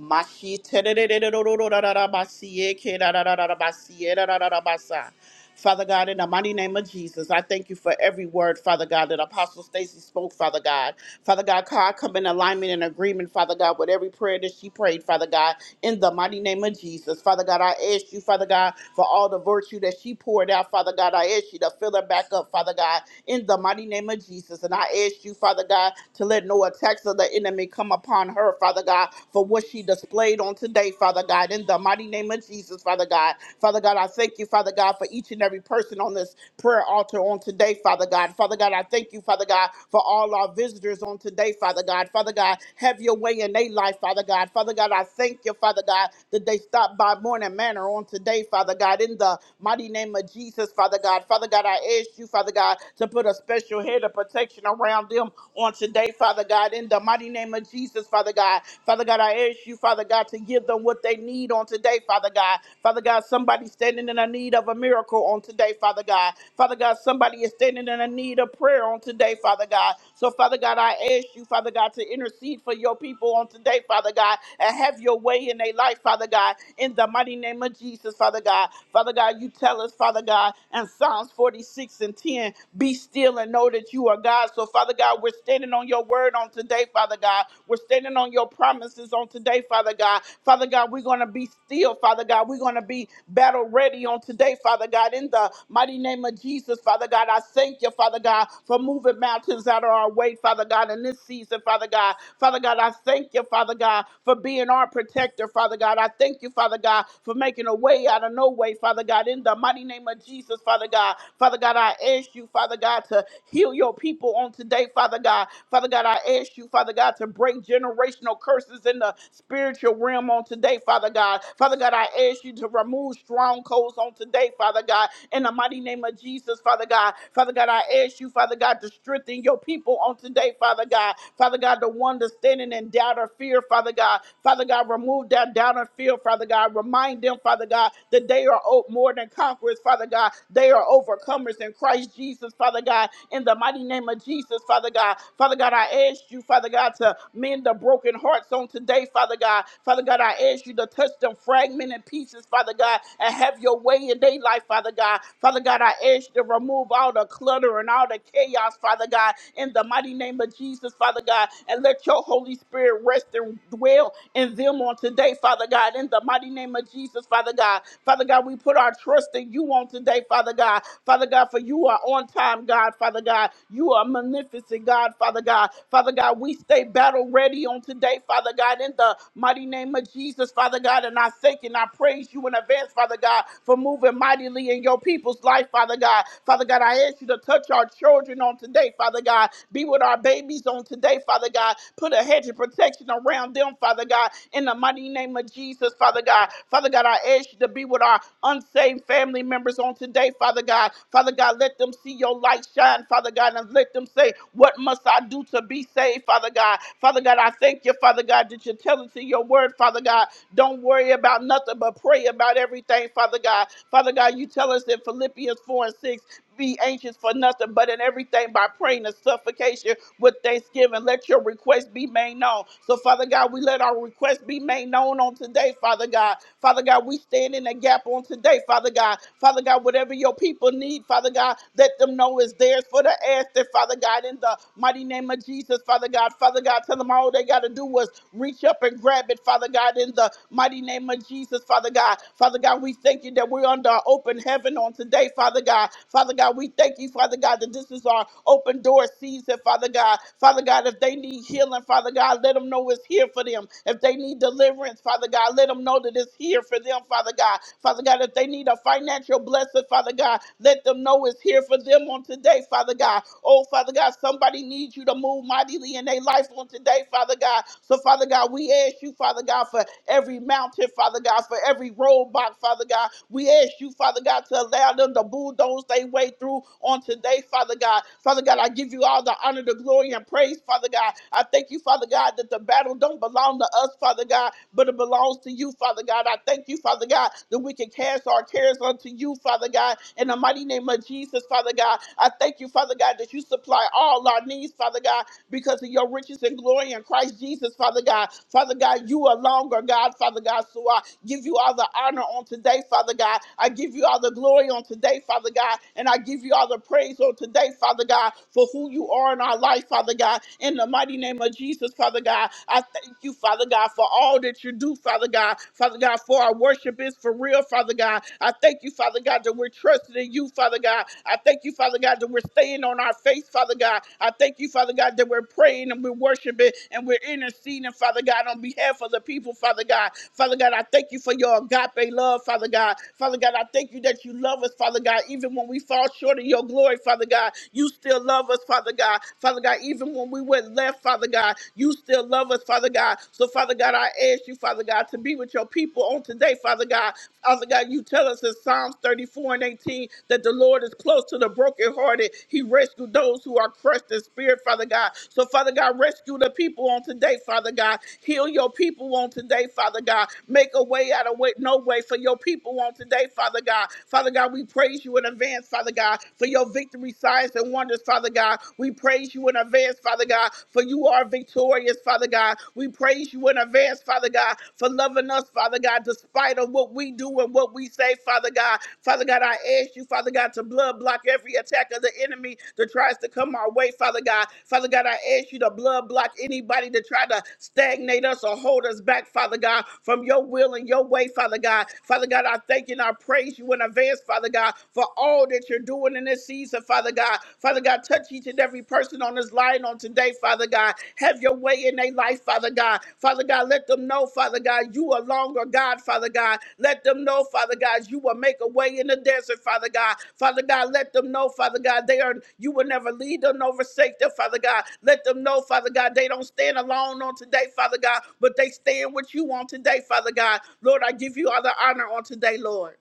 Speaker 2: Mashitererererororororabasiekerarararabasierarararabasa. Father God, in the mighty name of Jesus, I thank you for every word, Father God, that Apostle Stacy spoke, Father God. Father God, I come in alignment and agreement, Father God, with every prayer that she prayed, Father God, in the mighty name of Jesus. Father God, I ask you, Father God, for all the virtue that she poured out, Father God. I ask you to fill her back up, Father God, in the mighty name of Jesus. And I ask you, Father God, God, to let no attacks of the enemy come upon her, Father God, for what she displayed on today, Father God, in the mighty name of Jesus, Father God. Father God, I thank you, Father God, for each and every person on this prayer altar on today, Father God. Father God, I thank you, Father God, for all our visitors on today, Father God. Father God, have your way in their life, Father God. Father God, I thank you, Father God, that they stopped by Morning Manor on today, Father God, in the mighty name of Jesus, Father God. Father God, I ask you, Father God, to put a special head of protection around them on today today, Father God, in the mighty name of Jesus, Father God. Father God, I ask you, Father God, to give them what they need on today, Father God. Father God, somebody standing in a need of a miracle on today, Father God. Father God, somebody is standing in a need of prayer on today, Father God. So, Father God, I ask you, Father God, to intercede for your people on today, Father God, and have your way in their life, Father God, in the mighty name of Jesus, Father God. Father God, you tell us, Father God, in Psalms 46 and 10, be still and know that you are God. So, Father God, we're standing on on your word on today, Father God. We're standing on your promises on today, Father God. Father God, we're going to be still, Father God. We're going to be battle ready on today, Father God. In the mighty name of Jesus, Father God, I thank you, Father God, for moving mountains out of our way, Father God, in this season, Father God. Father God, I thank you, Father God, for being our protector, Father God. I thank you, Father God, for making a way out of no way, Father God. In the mighty name of Jesus, Father God. Father God, I ask you, Father God, to heal your people on today, Father God. Father God, I ask you, Father God, to break generational curses in the spiritual realm on today, Father God. Father God, I ask you to remove strongholds on today, Father God, in the mighty name of Jesus, Father God. Father God, I ask you, Father God, to strengthen your people on today, Father God. Father God, the one that's standing in doubt or fear, Father God. Father God, remove that doubt and fear, Father God. Remind them, Father God, that they are o- more than conquerors, Father God. They are overcomers in Christ Jesus, Father God. In the mighty name of Jesus, Father God. Father God, Father God, I ask you, Father God, to mend the broken hearts on today, Father God. Father God, I ask you to touch them fragmented pieces, Father God, and have your way in their life, Father God. Father God, I ask you to remove all the clutter and all the chaos, Father God, in the mighty name of Jesus, Father God, and let your Holy Spirit rest and dwell in them on today, Father God, in the mighty name of Jesus, Father God. Father God, we put our trust in you on today, Father God. Father God, for you are on time, God, Father God. You are magnificent, God, Father God. God. Father God, we stay battle ready on today, Father God, in the mighty name of Jesus, Father God. And I thank and I praise you in advance, Father God, for moving mightily in your people's life, Father God. Father God, I ask you to touch our children on today, Father God. Be with our babies on today, Father God. Put a hedge of protection around them, Father God, in the mighty name of Jesus, Father God. Father God, I ask you to be with our unsaved family members on today, Father God. Father God, let them see your light shine, Father God, and let them say, What must I do? to to be saved, Father God. Father God, I thank you, Father God, that you're telling to your word, Father God. Don't worry about nothing but pray about everything, Father God. Father God, you tell us in Philippians 4 and 6, be anxious for nothing but in everything by praying and supplication with thanksgiving. Let your request be made known. So, Father God, we let our request be made known on today, Father God. Father God, we stand in the gap on today, Father God. Father God, whatever your people need, Father God, let them know is theirs for the asking, Father God, in the mighty name of of Jesus, Father God. Father God, tell them all they got to do was reach up and grab it, Father God, in the mighty name of Jesus, Father God. Father God, we thank you that we're under our open heaven on today, Father God. Father God, we thank you, Father God, that this is our open door season, Father God. Father God, if they need healing, Father God, let them know it's here for them. If they need deliverance, Father God, let them know that it's here for them, Father God. Father God, if they need a financial blessing, Father God, let them know it's here for them on today, Father God. Oh, Father God, somebody needs you to move move mightily in their life on today, Father God. So, Father God, we ask you, Father God, for every mountain, Father God, for every roadblock, Father God. We ask you, Father God, to allow them to bulldoze their way through on today, Father God. Father God, I give you all the honor, the glory, and praise, Father God. I thank you, Father God, that the battle don't belong to us, Father God, but it belongs to you, Father God. I thank you, Father God, that we can cast our cares unto you, Father God, in the mighty name of Jesus, Father God. I thank you, Father God, that you supply all our needs, Father God because of your riches and glory in Christ Jesus, Father God. Father God, you are longer, God, Father God. So I give you all the honor on today, Father God. I give you all the glory on today, Father God. And I give you all the praise on today, Father God, for who you are in our life, Father God. In the mighty name of Jesus, Father God, I thank you, Father God, for all that you do, Father God. Father God, for our worship is for real, Father God. I thank you, Father God, that we're trusting in you, Father God. God. I thank you, Father God, that we're staying on our faith, Father God. I thank you, Father God, that we're praying and we're worshiping and we're interceding, Father God, on behalf of the people, Father God. Father God, I thank you for your agape love, Father God. Father God, I thank you that you love us, Father God, even when we fall short of your glory, Father God. You still love us, Father God. Father God, even when we went left, Father God, you still love us, Father God. So, Father God, I ask you, Father God, to be with your people on today today, Father God. Father God, you tell us in Psalms 34 and 18 that the Lord is close to the brokenhearted. He rescued those who are crushed in spirit, Father God. So, Father God, rescue the people on today, Father God. Heal your people on today, Father God. Make a way out of way, no way for your people on today, Father God. Father God, we praise you in advance, Father God, for your victory, signs, and wonders, Father God. We praise you in advance, Father God, for you are victorious is, Father God. We praise you in advance, Father God, for loving us, Father God, despite of what we do and what we say, Father God. Father God, I ask you, Father God, to blood block every attack of the enemy that tries to come our way, Father God. Father God, I ask you to blood block anybody that try to stagnate us or hold us back, Father God, from your will and your way, Father God. Father God, I thank you and I praise you in advance, Father God, for all that you're doing in this season, Father God. Father God, touch each and every person on this line on today, Father God. Have your way in their life, Father God. Father God, let them know, Father God, you are longer, God, Father God. Let them know, Father God, you will make a way in the desert, Father God. Father God, let them know, Father God, they are you will never lead them nor forsake them, Father God. Let them know, Father God, they don't stand alone on today, Father God, but they stand with you on today, Father God. Lord, I give you all the honor on today, Lord.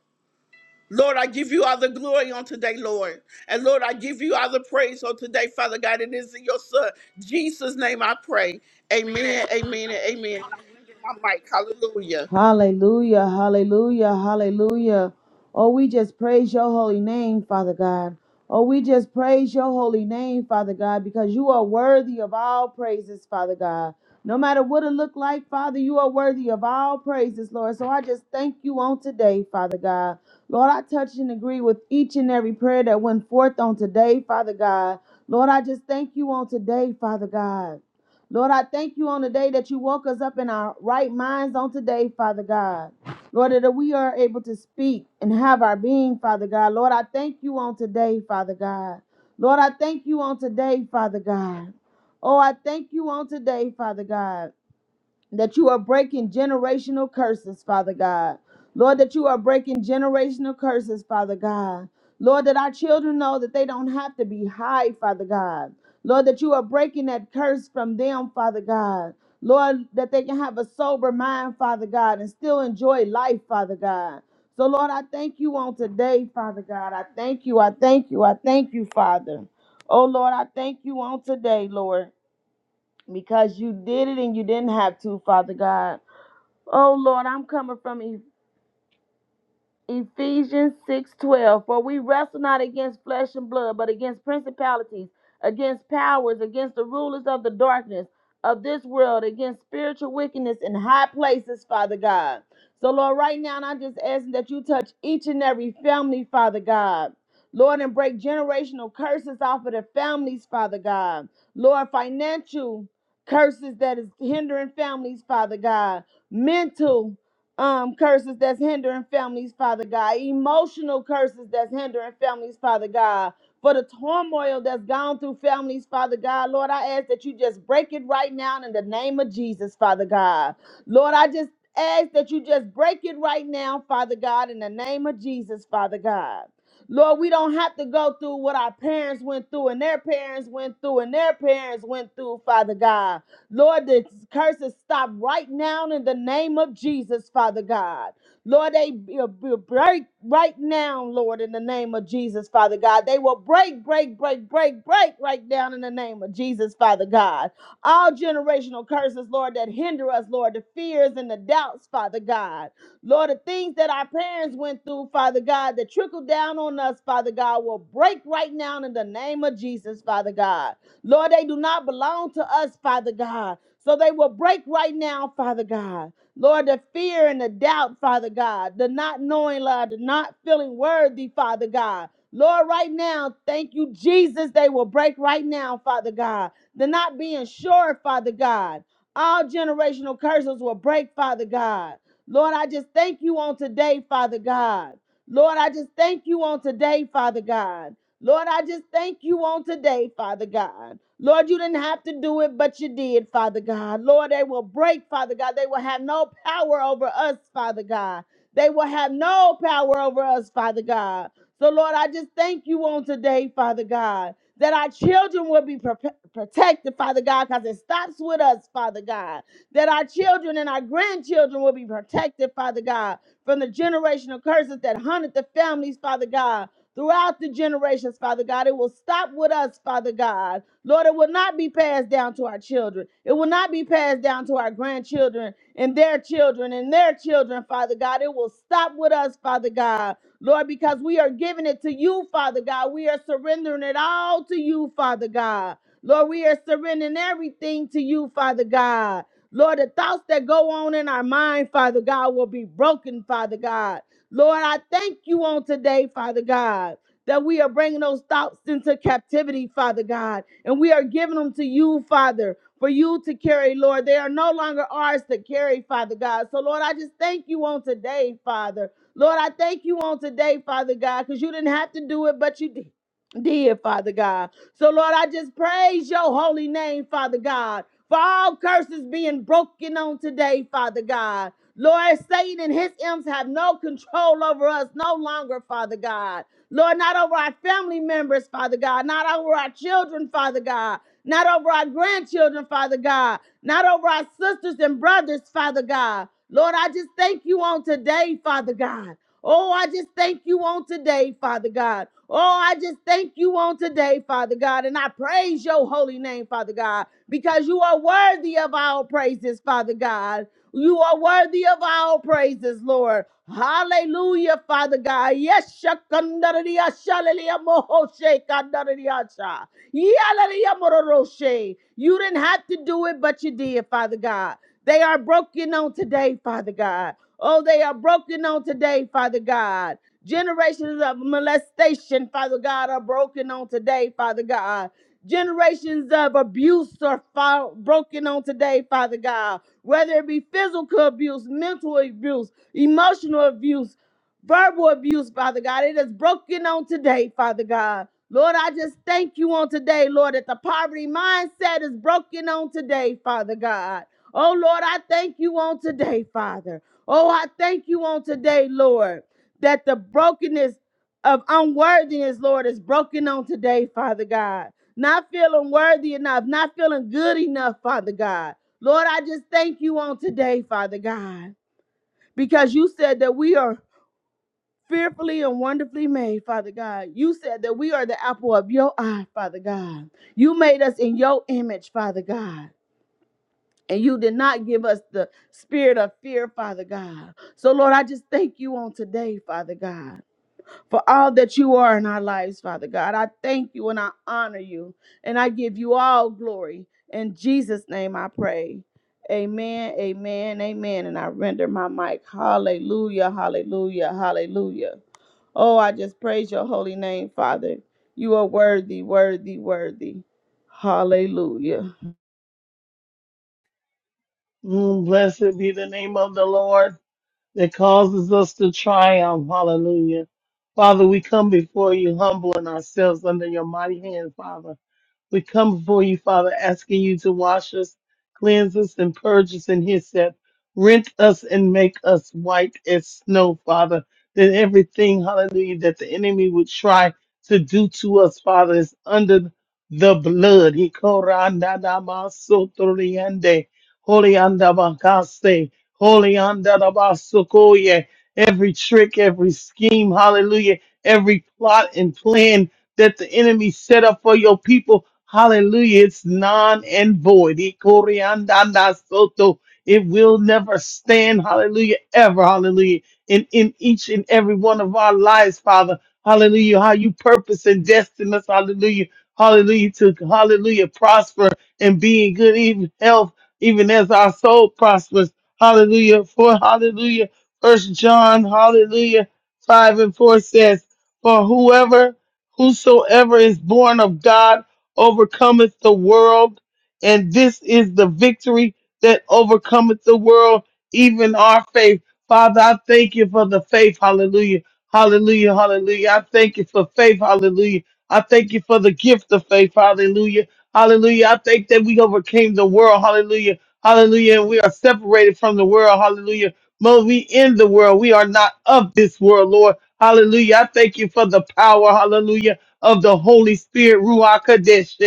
Speaker 2: Lord, I give you all the glory on today, Lord. And Lord, I give you all the praise on today, Father God. It is in your Son, Jesus' name I pray. Amen, amen, and amen. I'm bringing my mic. Hallelujah.
Speaker 3: Hallelujah, hallelujah, hallelujah. Oh, we just praise your holy name, Father God. Oh, we just praise your holy name, Father God, because you are worthy of all praises, Father God. No matter what it looked like, Father, you are worthy of all praises, Lord. So I just thank you on today, Father God. Lord, I touch and agree with each and every prayer that went forth on today, Father God. Lord, I just thank you on today, Father God. Lord, I thank you on the day that you woke us up in our right minds on today, Father God. Lord, that we are able to speak and have our being, Father God. Lord, I thank you on today, Father God. Lord, I thank you on today, Father God. Oh, I thank you on today, Father God that you are breaking generational curses, Father God. Lord, that you are breaking generational curses, Father God. Lord, that our children know that they don't have to be high, Father God. Lord, that you are breaking that curse from them, Father God. Lord, that they can have a sober mind, Father God, and still enjoy life, Father God. So, Lord, I thank you on today, Father God. I thank you. I thank you. I thank you, Father. Oh, Lord, I thank you on today, Lord because you did it and you didn't have to, Father God. Oh Lord, I'm coming from Ephesians 6:12 For we wrestle not against flesh and blood but against principalities against powers against the rulers of the darkness of this world against spiritual wickedness in high places Father God. So Lord right now and I'm just asking that you touch each and every family Father God. Lord and break generational curses off of their families Father God. Lord financial curses that is hindering families Father God. Mental um, curses that's hindering families, Father God, emotional curses that's hindering families, Father God, for the turmoil that's gone through families, Father God. Lord, I ask that you just break it right now in the name of Jesus, Father God. Lord, I just ask that you just break it right now, Father God, in the name of Jesus, Father God. Lord, we don't have to go through what our parents went through and their parents went through and their parents went through, Father God. Lord, the curses stop right now in the name of Jesus, Father God. Lord, they be- be- break right now, Lord, in the name of Jesus, Father God. They will break, break, break, break, break right down in the name of Jesus, Father God. All generational curses, Lord, that hinder us, Lord, the fears and the doubts, Father God. Lord, the things that our parents went through, Father God, that trickled down on us, Father God, will break right now in the name of Jesus, Father God. Lord, they do not belong to us, Father God. So they will break right now, Father God. Lord, the fear and the doubt, Father God, the not knowing, Lord, the not feeling worthy, Father God. Lord, right now, thank you, Jesus. They will break right now, Father God. The not being sure, Father God. All generational curses will break, Father God. Lord, I just thank you on today, Father God. Lord, I just thank you on today, Father God. Lord, I just thank you on today, Father God. Lord, you didn't have to do it, but you did, Father God. Lord, they will break, Father God. They will have no power over us, Father God. They will have no power over us, Father God. So, Lord, I just thank you on today, Father God, that our children will be pro- protected, Father God, because it stops with us, Father God. That our children and our grandchildren will be protected, Father God, from the generational curses that haunted the families, Father God throughout the generations, Father God. It will stop with us, Father God. Lord, it will not be passed down to our children. It will not be passed down to our grandchildren and their children and their children, Father God. It will stop with us, Father God. Lord, because we are giving it to you, Father God. We are surrendering it all to you, Father God. Lord, we are surrendering everything to you, Father God. Lord, the thoughts that go on in our mind, Father God, will be broken, Father God. Lord, I thank you on today, Father God, that we are bringing those thoughts into captivity, Father God, and we are giving them to you, Father. For you to carry, Lord. They are no longer ours to carry, Father God. So, Lord, I just thank you on today, Father. Lord, I thank you on today, Father God, because you didn't have to do it, but you did. Did Father God. So, Lord, I just praise your holy name, Father God, for all curses being broken on today, Father God. Lord, Satan and his imps have no control over us no longer, Father God. Lord, not over our family members, Father God, not over our children, Father God, not over our grandchildren, Father God, not over our sisters and brothers, Father God. Lord, I just thank you on today, Father God. Oh, I just thank you on today, Father God. Oh, I just thank you on today, Father God. And I praise your holy name, Father God, because you are worthy of our praises, Father God. You are worthy of our praises, Lord. Hallelujah, Father God. Yes, shakandariya shalalia moho shekandariya sha. Yalalia mororoshe. You didn't have to do it, but you did, Father God. They are broken on today, Father God. Oh, they are broken on today, Father God. Generations of molestation, Father God, are broken on today, Father God. Generations of abuse are fo- broken on today, Father God. Whether it be physical abuse, mental abuse, emotional abuse, verbal abuse, Father God. It is broken on today, Father God. Lord, I just thank you on today, Lord, that the poverty mindset is broken on today, Father God. Oh, Lord, I thank you on today, Father. Oh, I thank you on today, Lord, that the brokenness of unworthiness, Lord, is broken on today, Father God. Not feeling worthy enough, not feeling good enough, Father God. Lord, I just thank you on today, Father God, because you said that we are fearfully and wonderfully made, Father God. You said that we are the apple of your eye, Father God. You made us in your image, Father God. And you did not give us the spirit of fear, Father God. So, Lord, I just thank you on today, Father God, for all that you are in our lives, Father God. I thank you and I honor you. And I give you all glory. In Jesus' name I pray. Amen, amen, amen. And I render my mic. Hallelujah, hallelujah, hallelujah. Oh, I just praise your holy name, Father. You are worthy, worthy, worthy. Hallelujah.
Speaker 4: Mm, Blessed be the name of the Lord that causes us to triumph. Hallelujah. Father, we come before you humbling ourselves under your mighty hand, Father. We come before you, Father, asking you to wash us, cleanse us, and purge us in His set. Rent us and make us white as snow, Father. That everything, hallelujah, that the enemy would try to do to us, Father, is under the blood. He korandadamasotoriande, holiandabakase, holiandadabasokoye. Every trick, every scheme, hallelujah, every plot and plan that the enemy set up for your people. Hallelujah. It's non and void. Ikoriandanda soto. It will never stand. Hallelujah. Ever. Hallelujah. In, in each and every one of our lives, Father. Hallelujah. How you purpose and destined us. Hallelujah. Hallelujah. To hallelujah. Prosper and be in good even health, even as our soul prospers. Hallelujah. For hallelujah. First John, hallelujah. Five and four says, For whoever Whosoever is born of God overcometh the world, and this is the victory that overcometh the world, even our faith. Father, I thank you for the faith. Hallelujah. Hallelujah. Hallelujah. I thank you for faith. Hallelujah. I thank you for the gift of faith. Hallelujah. Hallelujah. I thank that we overcame the world. Hallelujah. Hallelujah. And we are separated from the world. Hallelujah. Mo, we in the world. We are not of this world, Lord. Hallelujah. I thank you for the power, hallelujah, of the Holy Spirit, Ruach Kadesh.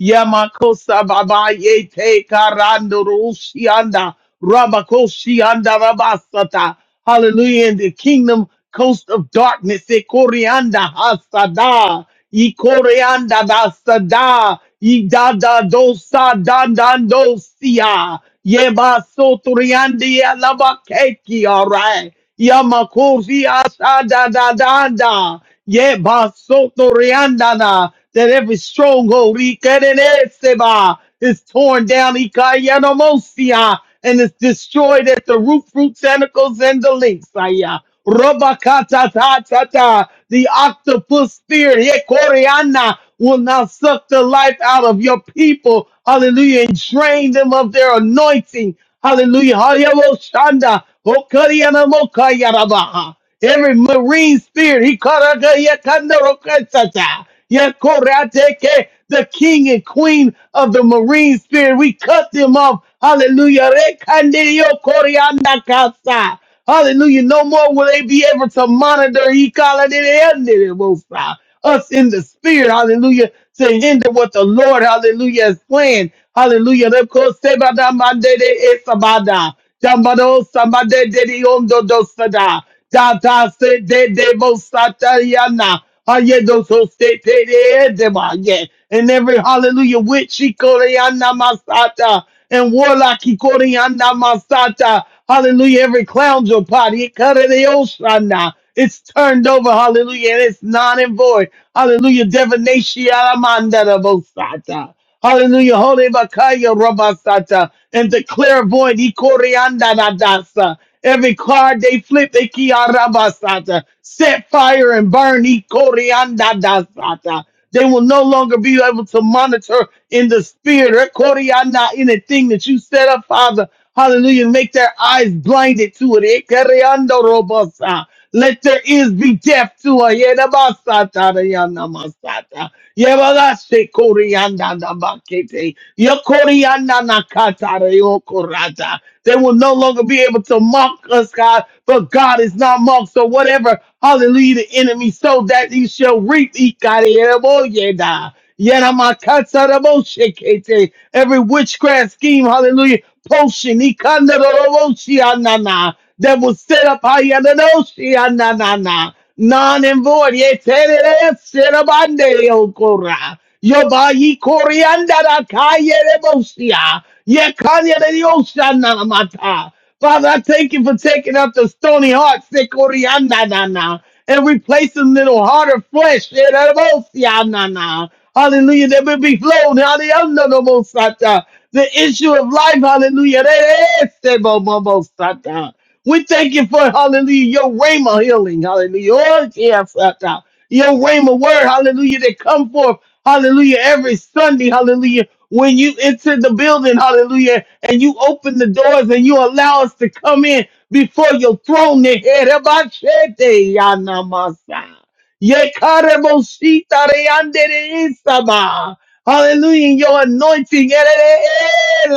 Speaker 4: Yamakosa babaye te karando rushianda, rabakoshianda rabasata. Hallelujah. In the kingdom coast of darkness, e corianda hasada, e corianda dasada, e da da dosa dandandosia, yeba sotoriandi alabakekia, right? Yamakovi asada da. da da. Ye basoto riandana. That every stronghold ikereneseba, is torn down ikayanomosia and is destroyed at the root, fruit, tentacles, and the links. Aya. Robakata ta ta ta. The octopus spirit. Ye koreana will not suck the life out of your people. Hallelujah. And drain them of their anointing. Hallelujah. Hallelujah. Shanda. Every marine spirit, he karaga Yakorateke, the king and queen of the marine spirit. We cut them off. Hallelujah. Rekandirio korianda Hallelujah. No more will they be able to monitor he called it in it most high. us in the spirit. Hallelujah. To hinder what the Lord, hallelujah, is planned. Hallelujah. Of course, sebada mandede esabada. Jambado samade de ondo dosada. Da se de de mosatariana. Ayendo so se te de edema, yeah. And every hallelujah witch she koreana masata and warlock he koreana masata. Hallelujah, every clown your party, it cut it oshana. It's turned over, hallelujah, and it's non and void. Hallelujah, divination, alamanda da bosata. Hallelujah. Hore bakaya Robasata, And the clairvoyant. ikorianda Nadasa. Every card they flip, they kiarabasata. Set fire and burn. ikoriandadasata. They will no longer be able to monitor in the spirit. ikorianda, Anything that you set up, Father. Hallelujah. Make their eyes blinded to it. Ikoriando robosa. Let their ears be deaf to it. Yerabasata, yandamasata. Yebagase Koryanda da Bakete. Yokorianda Nakatara Yokorata. They will no longer be able to mock us, God, but God is not mocked. So whatever, hallelujah, the enemy so that he shall reap Ikareboyeda. Yeramakataraboshekete. Every witchcraft scheme, hallelujah, potion, Ikandaroboshianana, that was set up, Hayanoshianana non and void. Yeterereserabandeyokora. Yobayikoriandarakayeremosia. Yekanyereoshanamata. Father, I thank you for taking up the stony heart, sekoriandanana, and replacing little heart of flesh. yeremosianana. Hallelujah. That will be flown. Hallelujah. no mosata. The issue of life. Hallelujah. Re- re- se bo- bo- bo- sata. We thank you for hallelujah, your rhema healing, hallelujah. Oh, yes, uh, uh, your rhema word, hallelujah, that come forth, hallelujah, every Sunday, hallelujah. When you enter the building, hallelujah, and you open the doors and you allow us to come in before your throne, Neherabashete, yanamasa. Yekarebosita, reandere, isaba. hallelujah, your anointing. erere, eh,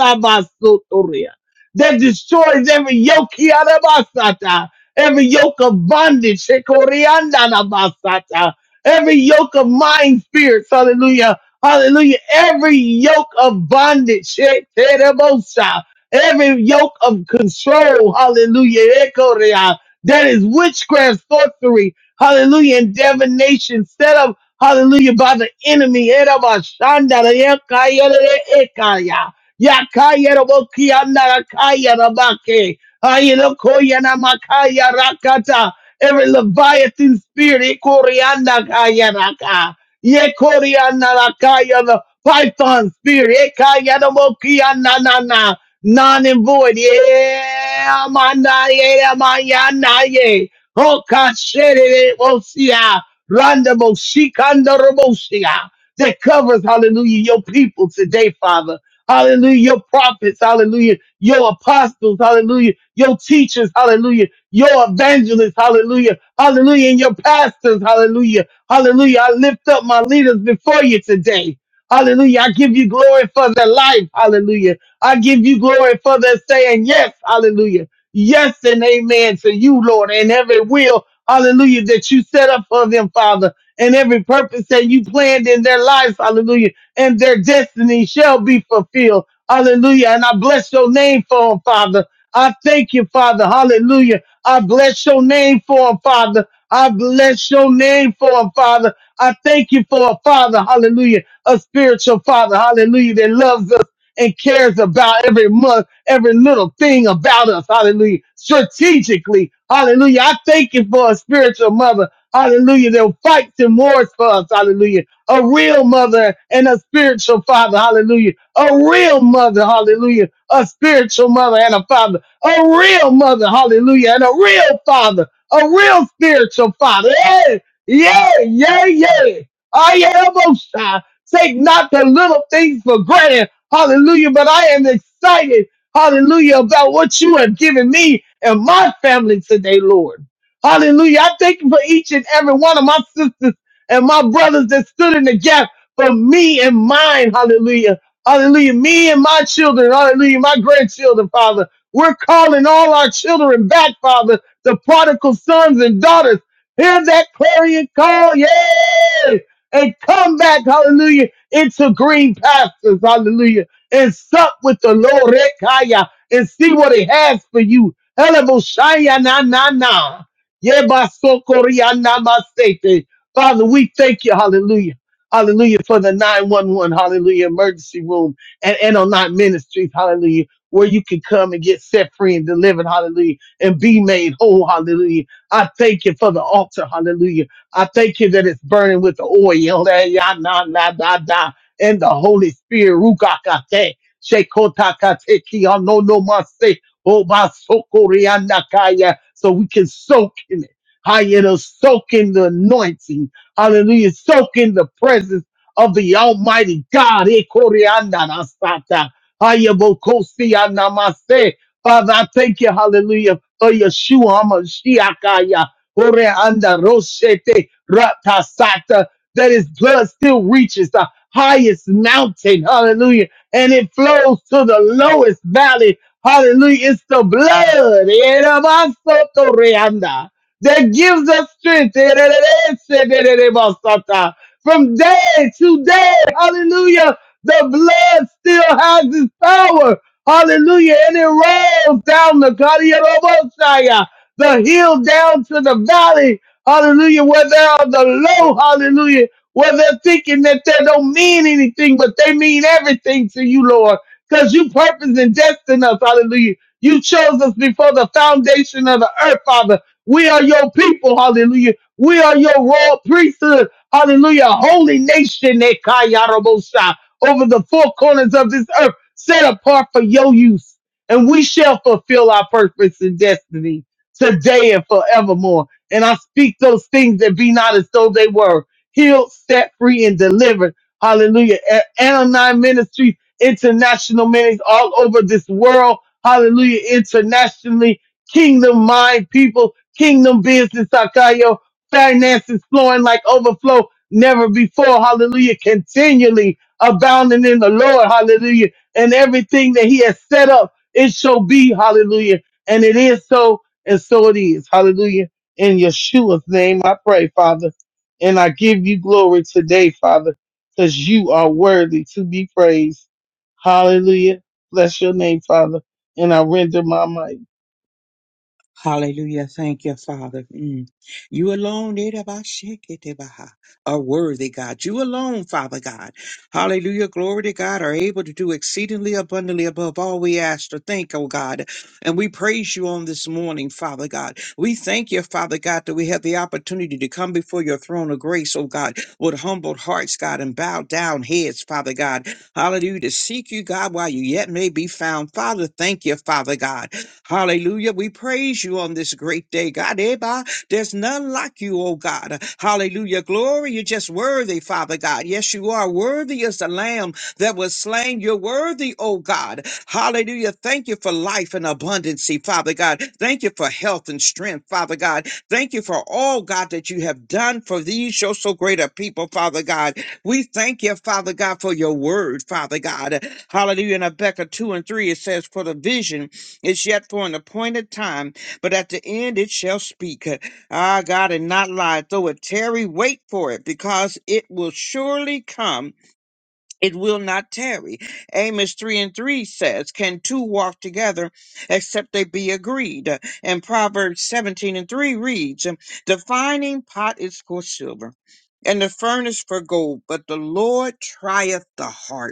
Speaker 4: that destroys every yoke, Kiarabasata, every yoke of bondage, Shekoriandanabasata, every yoke of mind spirits, hallelujah, hallelujah, every yoke of bondage, Shekerebosa, every yoke of control, hallelujah, Ekoria, that is witchcraft, sorcery, hallelujah, and divination set up, hallelujah, by the enemy, Erabashandara, Ekayere, Ekaya. Yakaya Roboki Anarakaya Rabake. Ayelokoya Namakaya Rakata. Every Leviathan spirit, Ekoriana Kaya Raka. Yekoriana Rakaya, the Python spirit, Ekaya Roboki Ananana. Non and void, yeah, Amanda, yeah, Mayana, yeah. Oh, Kashere, Osia, Randa Moshikanda Rabosia that covers, hallelujah, your people today, Father. Hallelujah. Your prophets. Hallelujah. Your apostles. Hallelujah. Your teachers. Hallelujah. Your evangelists. Hallelujah. Hallelujah. And your pastors. Hallelujah. Hallelujah. I lift up my leaders before you today. Hallelujah. I give you glory for their life. Hallelujah. I give you glory for their saying yes. Hallelujah. Yes and amen to you, Lord, and every will. Hallelujah. That you set up for them, Father, and every purpose that you planned in their lives. Hallelujah and their destiny shall be fulfilled. Hallelujah. And I bless your name for them, Father. I thank you, Father. Hallelujah. I bless your name for them, Father. I bless your name for them, Father. I thank you for a Father. Hallelujah. A spiritual Father. Hallelujah. That loves us and cares about every month, every little thing about us. Hallelujah. Strategically. Hallelujah. I thank you for a spiritual mother. Hallelujah. That will fight and wars for us. Hallelujah a real mother and a spiritual father. Hallelujah. A real mother. Hallelujah. A spiritual mother and a father. A real mother. Hallelujah. And a real father. A real spiritual father. Yeah. Yeah. Yeah. Yeah. I am a child. Take not the little things for granted. Hallelujah. But I am excited. Hallelujah. About what you have given me and my family today, Lord. Hallelujah. I thank you for each and every one of my sisters and my brothers that stood in the gap for me and mine. Hallelujah. Hallelujah. Me and my children. Hallelujah. My grandchildren, Father. We're calling all our children back, Father, the prodigal sons and daughters. Hear that clarion call. Yes. And come back, hallelujah, into green pastures, hallelujah, and sup with the Lord, Rekaya, and see what He has for you. Eleboshaya na na na. Yeba sokoriana masete. Father, we thank you, hallelujah. Hallelujah for the 911, hallelujah, emergency room and, and on nine ministries, hallelujah, where you can come and get set free and delivered, hallelujah, and be made whole, hallelujah. I thank you for the altar, hallelujah. I thank you that it's burning with the oil, eh, ya, na, na, da, da, and the Holy Spirit, rukakate, shekotakate, ki, no, no, mase, obasokorianakaya, so we can soak in how you to soak in the anointing. Hallelujah. Soak in the presence of the Almighty God. Eh, koreandarasata. Hayabokosianamase. Father, I thank you, hallelujah, for Yeshua HaMashiachaya. Koreandaroshete ratasata. That his blood still reaches the highest mountain. Hallelujah. And it flows to the lowest valley. Hallelujah. It's the blood. Eh, namasoto reanda that gives us strength. From day to day, hallelujah, the blood still has its power. Hallelujah. And it rolls down the Kadiarobosaya, the hill down to the valley. Hallelujah. Where they're on the low, hallelujah. Where they're thinking that they don't mean anything, but they mean everything to you, Lord. Because you purpose and destined us, hallelujah. You chose us before the foundation of the earth, Father. We are your people, hallelujah. We are your royal priesthood, hallelujah. Holy nation, Ekayarabosha, over the four corners of this earth, set apart for your use. And we shall fulfill our purpose and destiny today and forevermore. And I speak those things that be not as though they were healed, set free, and delivered. Hallelujah. A- Anonine Ministries, international ministries all over this world. Hallelujah. Internationally, kingdom mind people Kingdom business, Sakayo. Finances flowing like overflow never before. Hallelujah. Continually abounding in the Lord. Hallelujah. And everything that He has set up, it shall be. Hallelujah. And it is so, and so it is. Hallelujah. In Yeshua's name, I pray, Father. And I give you glory today, Father, because you are worthy to be praised. Hallelujah. Bless your name, Father. And I render my mic.
Speaker 5: Hallelujah. Thank you, Father. Mm. You alone Irabashikitabaha, are worthy, God. You alone, Father God. Hallelujah. Glory to God, are able to do exceedingly abundantly above all we ask or think, oh God. And we praise you on this morning, Father God. We thank you, Father God, that we have the opportunity to come before your throne of grace, oh God, with humbled hearts, God, and bowed down heads, Father God. Hallelujah. To seek you, God, while you yet may be found. Father, thank you, Father God. Hallelujah. We praise you on this great day, God. Eba, There's none like you, oh God. Hallelujah. Glory. You're just worthy, Father God. Yes, you are. Worthy as the lamb that was slain. You're worthy, oh God. Hallelujah. Thank you for life and abundancy, Father God. Thank you for health and strength, Father God. Thank you for all, God, that you have done for these, your so great a people, Father God. We thank you, Father God, for your word, Father God. Hallelujah. In Habakkuk 2 and 3, it says, for the vision it's yet for an appointed time, but at the end it shall speak. Ah, God, and not lie. Though it tarry, wait for it, because it will surely come. It will not tarry. Amos 3 and 3 says, Can two walk together except they be agreed? And Proverbs 17 and 3 reads, The fining pot is for silver, and the furnace for gold, but the Lord trieth the heart.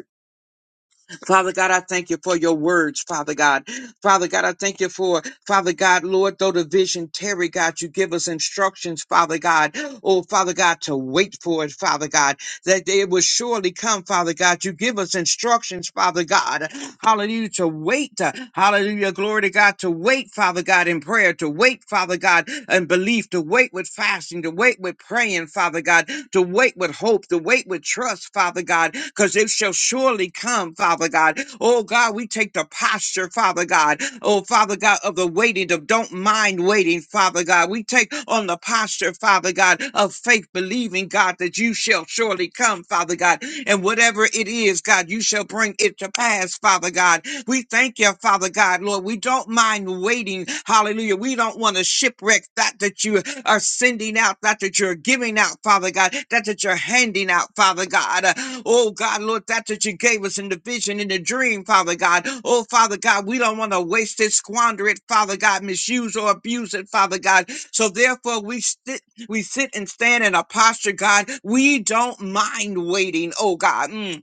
Speaker 5: Father God, I thank you for your words, Father God. Father God, I thank you for, Father God, Lord, though the vision tarry, God, you give us instructions, Father God. Oh, Father God, to wait for it, Father God, that it will surely come, Father God. You give us instructions, Father God. Hallelujah, to wait. uh, Hallelujah, glory to God, to wait, Father God, in prayer, to wait, Father God, in belief, to wait with fasting, to wait with praying, Father God, to wait with hope, to wait with trust, Father God, because it shall surely come, Father God. Oh God, we take the posture, Father God. Oh Father God, of the waiting, of don't mind waiting, Father God. We take on the posture, Father God, of faith, believing, God, that you shall surely come, Father God. And whatever it is, God, you shall bring it to pass, Father God. We thank you, Father God, Lord. We don't mind waiting. Hallelujah. We don't want to shipwreck that that you are sending out, that that you're giving out, Father God, that that you're handing out, Father God. Uh, Oh God, Lord, that that you gave us in the vision, in the dream, Father God. Oh Father God, we don't want to waste it, squander it, Father God, misuse or abuse it, Father God. So therefore, we sit, we sit and stand in a posture, God. We don't mind waiting, oh God. Mm.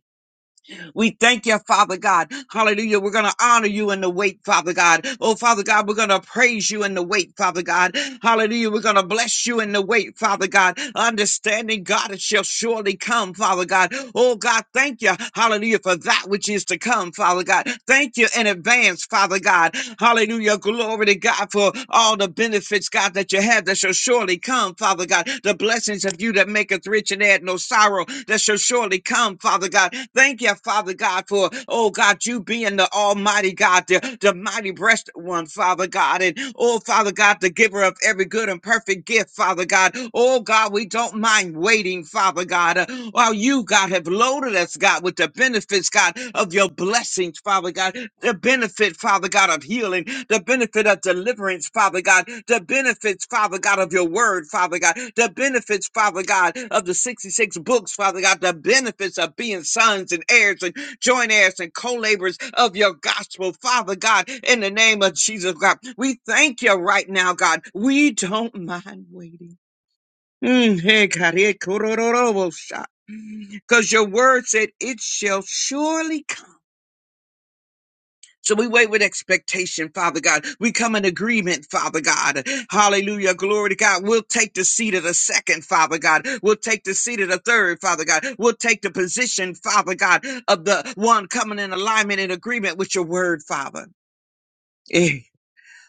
Speaker 5: We thank you, Father God. Hallelujah. We're going to honor you in the wait, Father God. Oh, Father God, we're going to praise you in the wait, Father God. Hallelujah. We're going to bless you in the wait, Father God. Understanding, God, it shall surely come, Father God. Oh, God, thank you. Hallelujah. For that which is to come, Father God. Thank you in advance, Father God. Hallelujah. Glory to God for all the benefits, God, that you have that shall surely come, Father God. The blessings of you that maketh rich and add no sorrow that shall surely come, Father God. Thank you, Father. Father God, for, oh God, you being the Almighty God, the, the mighty breasted one, Father God. And, oh Father God, the giver of every good and perfect gift, Father God. Oh God, we don't mind waiting, Father God, uh, while you, God, have loaded us, God, with the benefits, God, of your blessings, Father God. The benefit, Father God, of healing, the benefit of deliverance, Father God, the benefits, Father God, of your word, Father God, the benefits, Father God, of the 66 books, Father God, the benefits of being sons and heirs and Joint heirs and co-laborers of your gospel, Father God, in the name of Jesus, God. We thank you right now, God. We don't mind waiting. Mm, hey, God, eh, korororobosha. Because your word said, It shall surely so we wait with expectation, Father God. We come in agreement, Father God. Hallelujah. Glory to God. We'll take the seat of the second, Father God. We'll take the seat of the third, Father God. We'll take the position, Father God, of the one coming in alignment and agreement with your word, Father. Eh.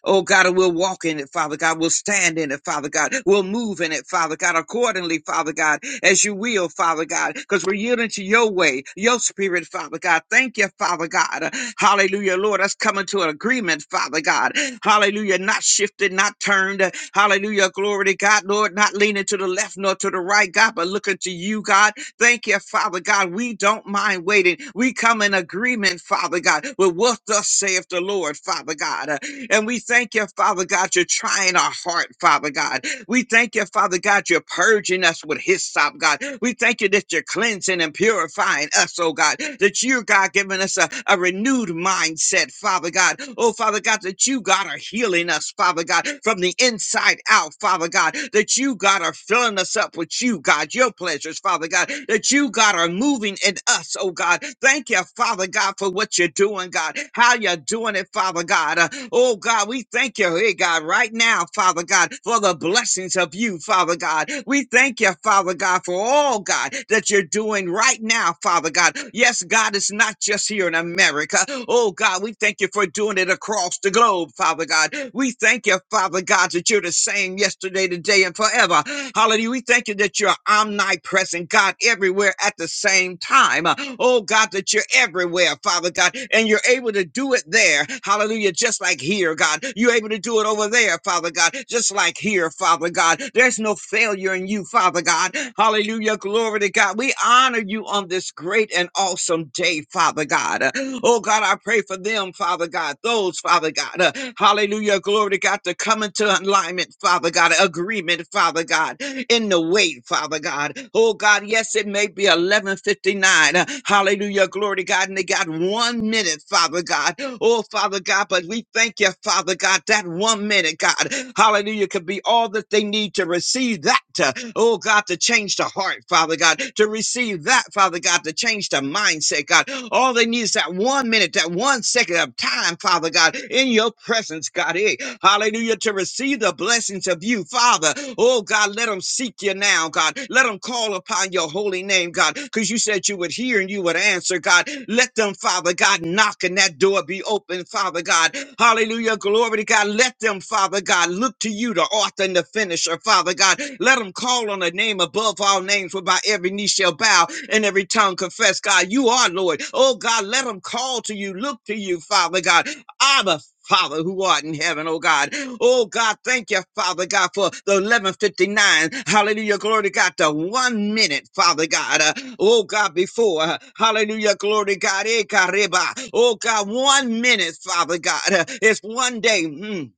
Speaker 5: Oh God, and we'll walk in it, Father God. We'll stand in it, Father God. We'll move in it, Father God, accordingly, Father God, as you will, Father God, because we're yielding to your way, your spirit, Father God. Thank you, Father God. Hallelujah, Lord. Us coming to an agreement, Father God. Hallelujah, not shifted, not turned. Hallelujah, glory to God, Lord, not leaning to the left nor to the right, God, but looking to you, God. Thank you, Father God. We don't mind waiting. We come in agreement, Father God, with what thus saith the Lord, Father God. Uh, And we thank you, Father God, you're trying our heart, Father God. We thank you, Father God, you're purging us with hyssop, God. We thank you that you're cleansing and purifying us, oh God, that you, God, giving us a, a renewed mindset, Father God. Oh, Father God, that you, God, are healing us, Father God, from the inside out, Father God, that you, God, are filling us up with you, God, your pleasures, Father God, that you, God, are moving in us, oh God. Thank you, Father God, for what you're doing, God, how you're doing it, Father God. Uh, oh, God, we thank you, hey, God, right now, Father God, for for the blessings of you, Father God. We thank you, Father God, for all, God, that you're doing right now, Father God. Yes, God, it's not just here in America. Oh, God, we thank you for doing it across the globe, Father God. We thank you, Father God, that you're the same yesterday, today, and forever. Hallelujah. We thank you that you're omnipresent, God, everywhere at the same time. Uh, Oh, God, that you're everywhere, Father God, and you're able to do it there. Hallelujah. Just like here, God. You're able to do it over there, Father God just like here, Father God. There's no failure in you, Father God. Hallelujah. Glory to God. We honor you on this great and awesome day, Father God. Oh God, I pray for them, Father God. Those, Father God. uh, Hallelujah. Glory to God to come into alignment, Father God. Agreement, Father God in the way, Father God. Oh God, yes, it may be 11:59. uh, Hallelujah, glory to God. And they got one minute, Father God. Oh Father God, but we thank you, Father God, that one minute, God. God, hallelujah, could be all that they need to receive that, uh, oh God, to change the heart, Father God, to receive that, Father God, to change the mindset, God. All they need is that one minute, that one second of time, Father God, in your presence, God. Hey, hallelujah, to receive the blessings of you, Father. Oh God, let them seek you now, God. Let them call upon your holy name, God, because you said you would hear and you would answer, God. Let them, Father God, knock and that door be open, Father God. Hallelujah, glory to God. Let them, Father. Father God, look to you, the author and the finisher, Father God. Let them call on a name above all names, whereby every knee shall bow and every tongue confess, God, you are Lord. Oh God, let them call to you, look to you, Father God. Abba, Father, who art in heaven, oh God. Oh God, thank you, Father God, for the 1159. Hallelujah, glory to God, the one minute, Father God. Uh, oh God, before. uh, hallelujah, glory to God. eh, careba. Oh God, one minute, Father God. Uh, it's one day. mm,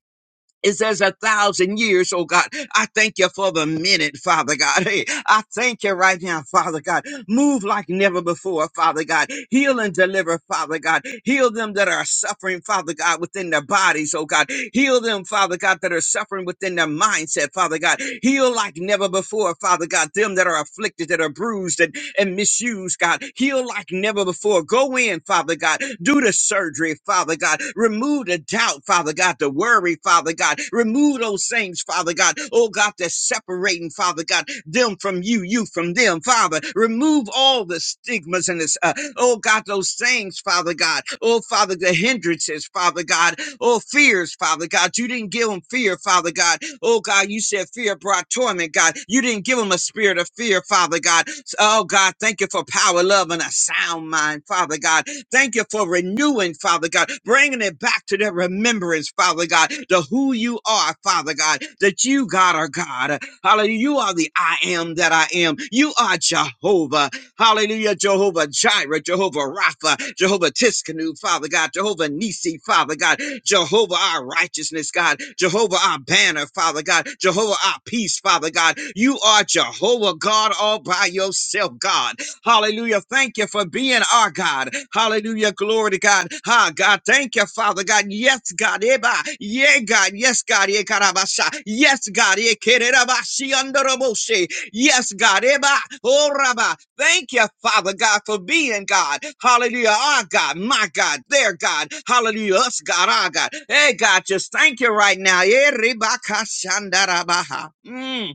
Speaker 5: is as a thousand years, oh God. I thank you for the minute, Father God. Hey, I thank you right now, Father God. Move like never before, Father God. Heal and deliver, Father God. Heal them that are suffering, Father God, within their bodies, oh God. Heal them, Father God, that are suffering within their mindset, Father God. Heal like never before, Father God. Them that are afflicted, that are bruised, and and misuse, God. Heal like never before. Go in, Father God. Do the surgery, Father God. Remove the doubt, Father God, the worry, Father God. Remove those things, Father God. Oh God, that's separating, Father God, them from you, you from them, Father. Remove all the stigmas and us, uh, oh God, those things, Father God, oh Father, the hindrances, Father God, oh fears, Father God, you didn't give them fear, Father God, oh God, you said fear brought torment, God, you didn't give them a spirit of fear, Father God, oh God, thank you for power, love, and a sound mind, Father God, thank you for renewing, Father God, bringing it back to their remembrance, Father God, to who you are, Father God, that you, God, are God, Hallelujah. You are the I am that I am. You are Jehovah. Hallelujah, Jehovah Jireh, Jehovah Rapha, Jehovah Tiskanu, Father God, Jehovah Nisi, Father God, Jehovah our righteousness, God, Jehovah our banner, Father God, Jehovah our peace, Father God. You are Jehovah God all by yourself, God. Hallelujah. Thank you for being our God. Hallelujah. Glory to God. Ah, God, thank you, Father God. Yes, God. Eba. Yeah, God. Yes, God. Yeah, God. Abasha. Yes, God. Yeah, kererabasi andoroboshe. Yes, God. Eba, oh, Rabba. Thank you, Father God, for being God. Hallelujah. Our God, my God, their God. Hallelujah. Us, God, our God. Hey, God, just thank you right now. Eh, Reba, kashandarabaha. Mm,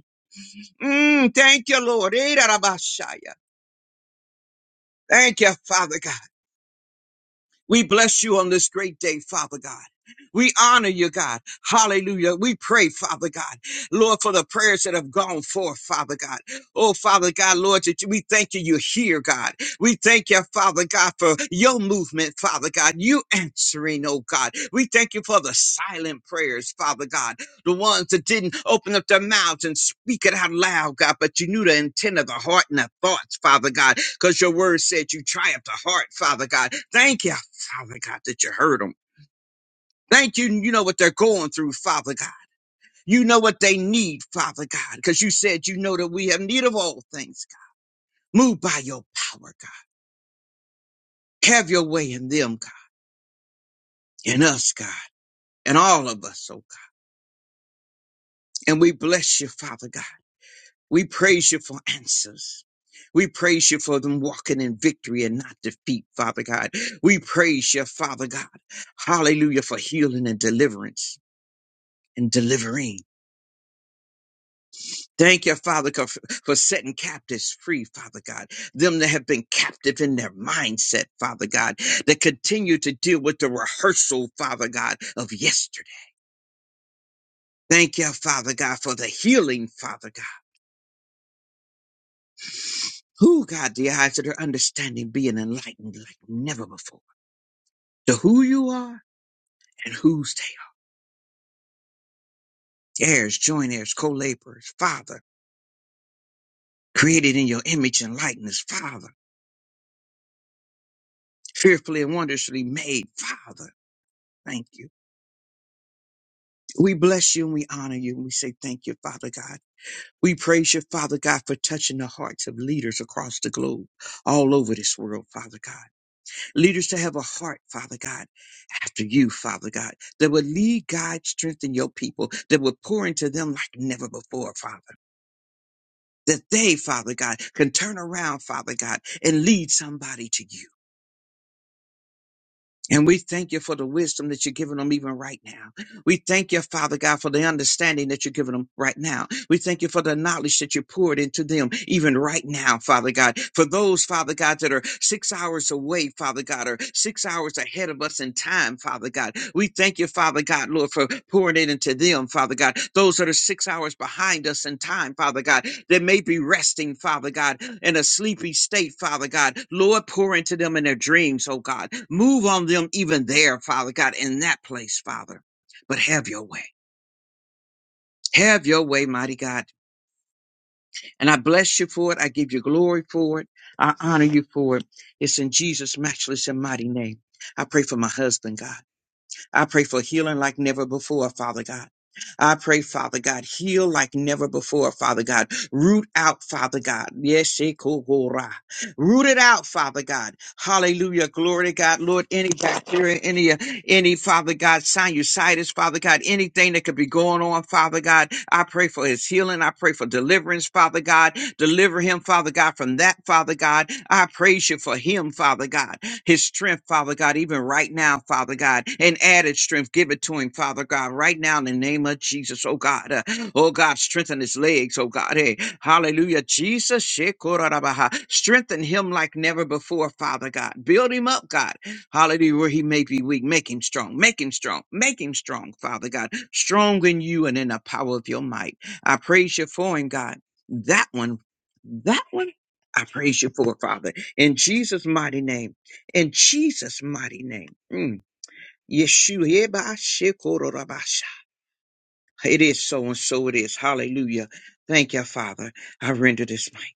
Speaker 5: mm, thank you, Lord. Eh, darabashaya. Thank you, Father God. We bless you on this great day, Father God. We honor you, God. Hallelujah. We pray, Father God, Lord, for the prayers that have gone forth, Father God. Oh, Father God, Lord, that you, we thank you. You're here, God. We thank you, Father God, for your movement, Father God. You answering, oh God. We thank you for the silent prayers, Father God. The ones that didn't open up their mouths and speak it out loud, God, but you knew the intent of the heart and the thoughts, Father God because your word said you triumphed the heart, Father God. Thank you, Father God, that you heard them. Thank you. You know what they're going through, Father God. You know what they need, Father God, because you said you know that we have need of all things, God. Move by your power, God. Have your way in them, God, in us, God, and all of us, oh God. And we bless you, Father God. We praise you for answers. We praise you for them walking in victory and not defeat, Father God. We praise you, Father God. Hallelujah for healing and deliverance and delivering. Thank you, Father God, for for setting captives free, Father God. Them that have been captive in their mindset, Father God, that continue to deal with the rehearsal, Father God, of yesterday. Thank you, Father God, for the healing, Father God. Who, God, the eyes of their understanding being enlightened like never before. To who you are and whose they are. Heirs, joint heirs, co-laborers, Father, created in your image and likeness, Father. Fearfully and wondrously made, Father. Thank you. We bless you and we honor you and we say thank you, Father God. We praise you, Father God, for touching the hearts of leaders across the globe, all over this world, Father God. Leaders to have a heart, Father God, after you, Father God, that would lead, guide, strengthen your people, that would pour into them like never before, Father. That they, Father God, can turn around, Father God, and lead somebody to you. And we thank you for the wisdom that you're giving them even right now. We thank you, Father God, for the understanding that you're giving them right now. We thank you for the knowledge that you poured into them even right now, Father God. For those, Father God, that are six hours away, Father God, or six hours ahead of us in time, Father God. We thank you, Father God, Lord, for pouring it into them, Father God. Those that are six hours behind us in time, Father God, that may be resting, Father God, in a sleepy state, Father God. Lord, pour into them in their dreams, oh God. Move on them even there, Father God, in that place, Father but have your way. Have your way, mighty God. And I bless you for it. I give you glory for it. I honor you for it. It's in Jesus' matchless and mighty name. I pray for my husband, God. I pray for healing like never before, Father God. I pray, Father God, heal like never before, Father God. Root out, Father God. Yes, shekogora. root it out, Father God. Hallelujah. Glory to God. Lord, any bacteria, any, uh, any, Father God, sinusitis, Father God, anything that could be going on, Father God. I pray for his healing. I pray for deliverance, Father God. Deliver him, Father God, from that, Father God. I praise you for him, Father God his strength, Father God, even right now, Father God, and added strength. Give it to him, Father God, right now in the name of Jesus, oh God. Uh, oh God, strengthen his legs, oh God. Hey, hallelujah. Jesus, shekorarabaha. strengthen him like never before, Father God. Build him up, God. Hallelujah, where he may be weak. Make him strong. Make him strong. Make him strong, Father God. Strong in you and in the power of your might. I praise you for him, God. That one, that one, I praise you for, Father. In Jesus' mighty name in Jesus' mighty name. Mm. Yeshua, Eba, Shekoro, Rabasha. It is so and so it is. Hallelujah. Thank you, Father. I render this mic.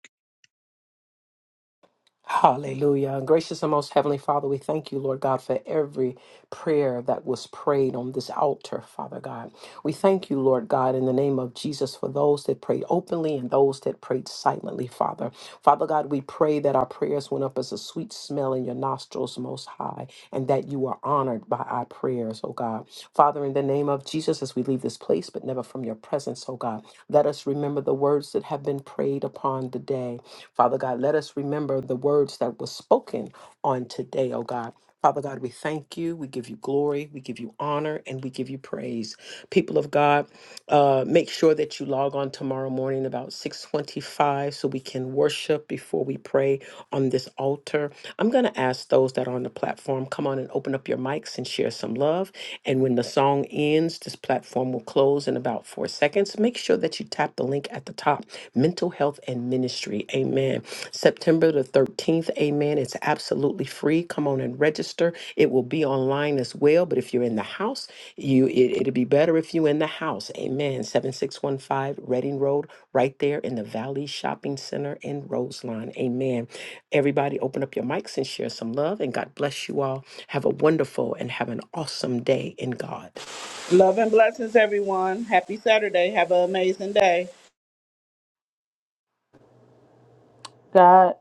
Speaker 1: Hallelujah. And gracious and most heavenly Father, we thank you, Lord God, for every prayer that was prayed on this altar, Father God. We thank you, Lord God, in the name of Jesus, for those that prayed openly and those that prayed silently, Father. Father God, we pray that our prayers went up as a sweet smell in your nostrils, Most High, and that you are honored by our prayers, oh God. Father, in the name of Jesus, as we leave this place, but never from your presence, oh God, let us remember the words that have been prayed upon today. Father God, let us remember the words that were spoken on today, oh God. Father God, we thank you. We give you glory. We give you honor and we give you praise. People of God, uh, make sure that you log on tomorrow morning about 625 so we can worship before we pray on this altar. I'm going to ask those that are on the platform platform, come on and open up your mics and share some love. And when the song ends, this platform will close in about four seconds. Make sure that you tap the link at the top Mental Health and Ministry. Amen. September the 13th. Amen. It's absolutely free. Come on and register. It will be online as well. But if you're in the house, you it, it'd be better if you in the house. Amen. 7615 Reading Road, right there in the Valley Shopping Center in Roseline. Amen. Everybody, open up your mics and share some love. And God bless you all. Have a wonderful and have an awesome day in God.
Speaker 2: Love and blessings, everyone. Happy Saturday. Have an amazing day.
Speaker 3: God,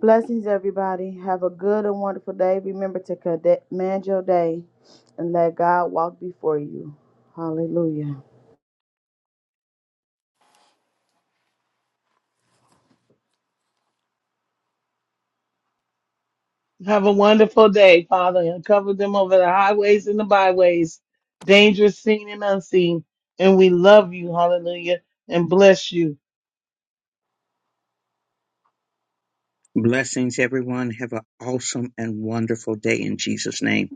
Speaker 3: blessings, everybody. Have a good and wonderful day. Remember to command your day and let God walk before you. Hallelujah.
Speaker 4: Have a wonderful day, Father, and cover them over the highways and the byways, dangerous seen and unseen. And we love you, hallelujah, and bless you.
Speaker 5: Blessings, everyone. Have an awesome and wonderful day in Jesus' name.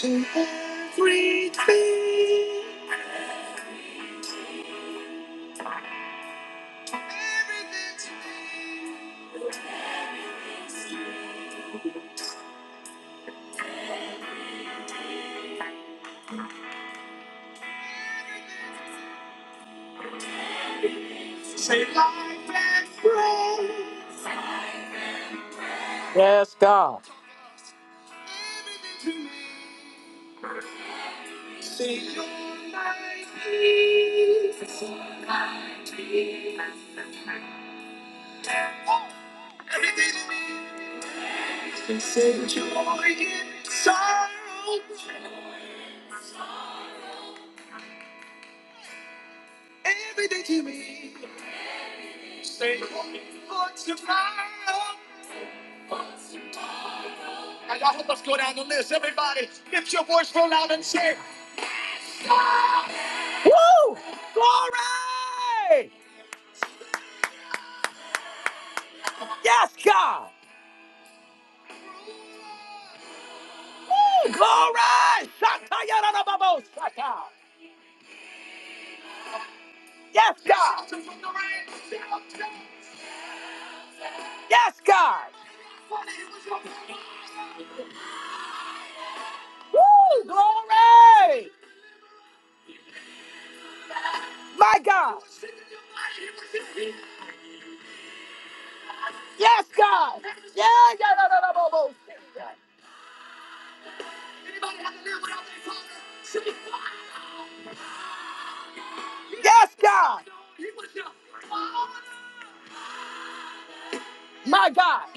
Speaker 1: To everything, Say life and breath. Yes, God. Everything to me. Say you're my Everything to me. Say joy in sorrow. Everything to me. Say, what's the matter? And y'all help us go down the list. Everybody, lift your voice real loud and say, Woo! Glory! Yes, God! Woo! Glory! Shata yada babo shata! Yes, God! Yes, God! Woo! Glory! My God! Yes, God. Yeah, yeah, no, no, no, no, no. Yes, God. My God.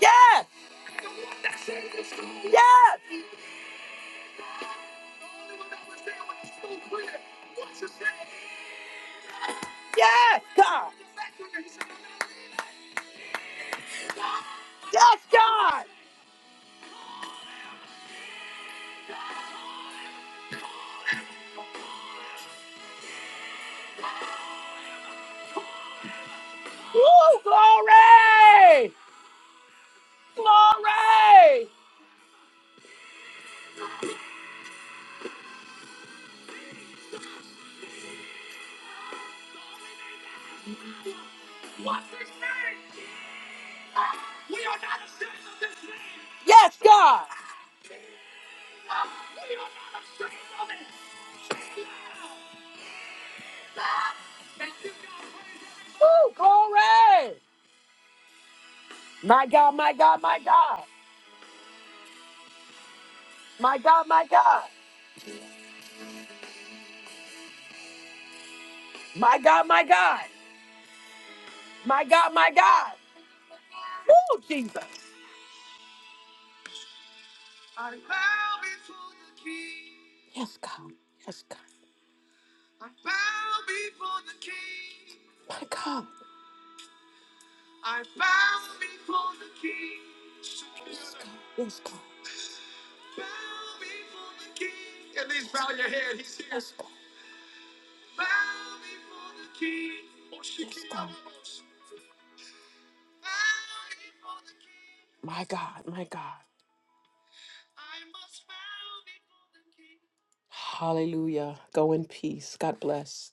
Speaker 1: Yes, yes, yes, God. Yes, God. Woo, glory. Glory. God. Woo, glory. My God, my God, my God. My God, my God. My God, my God. My God, my God. Oh, Jesus. I bow before the King. Yes, God. Yes, God. I bow before the King. My God. I bow before the King. Yes, God. Yes, God. Bow before the King. At least bow your head. He's here. Yes, God. Bow before the King. Oh, she Yes, can't almost. Bow before the King. My God, my God. I must bow before the King. Hallelujah. Go in peace. God bless.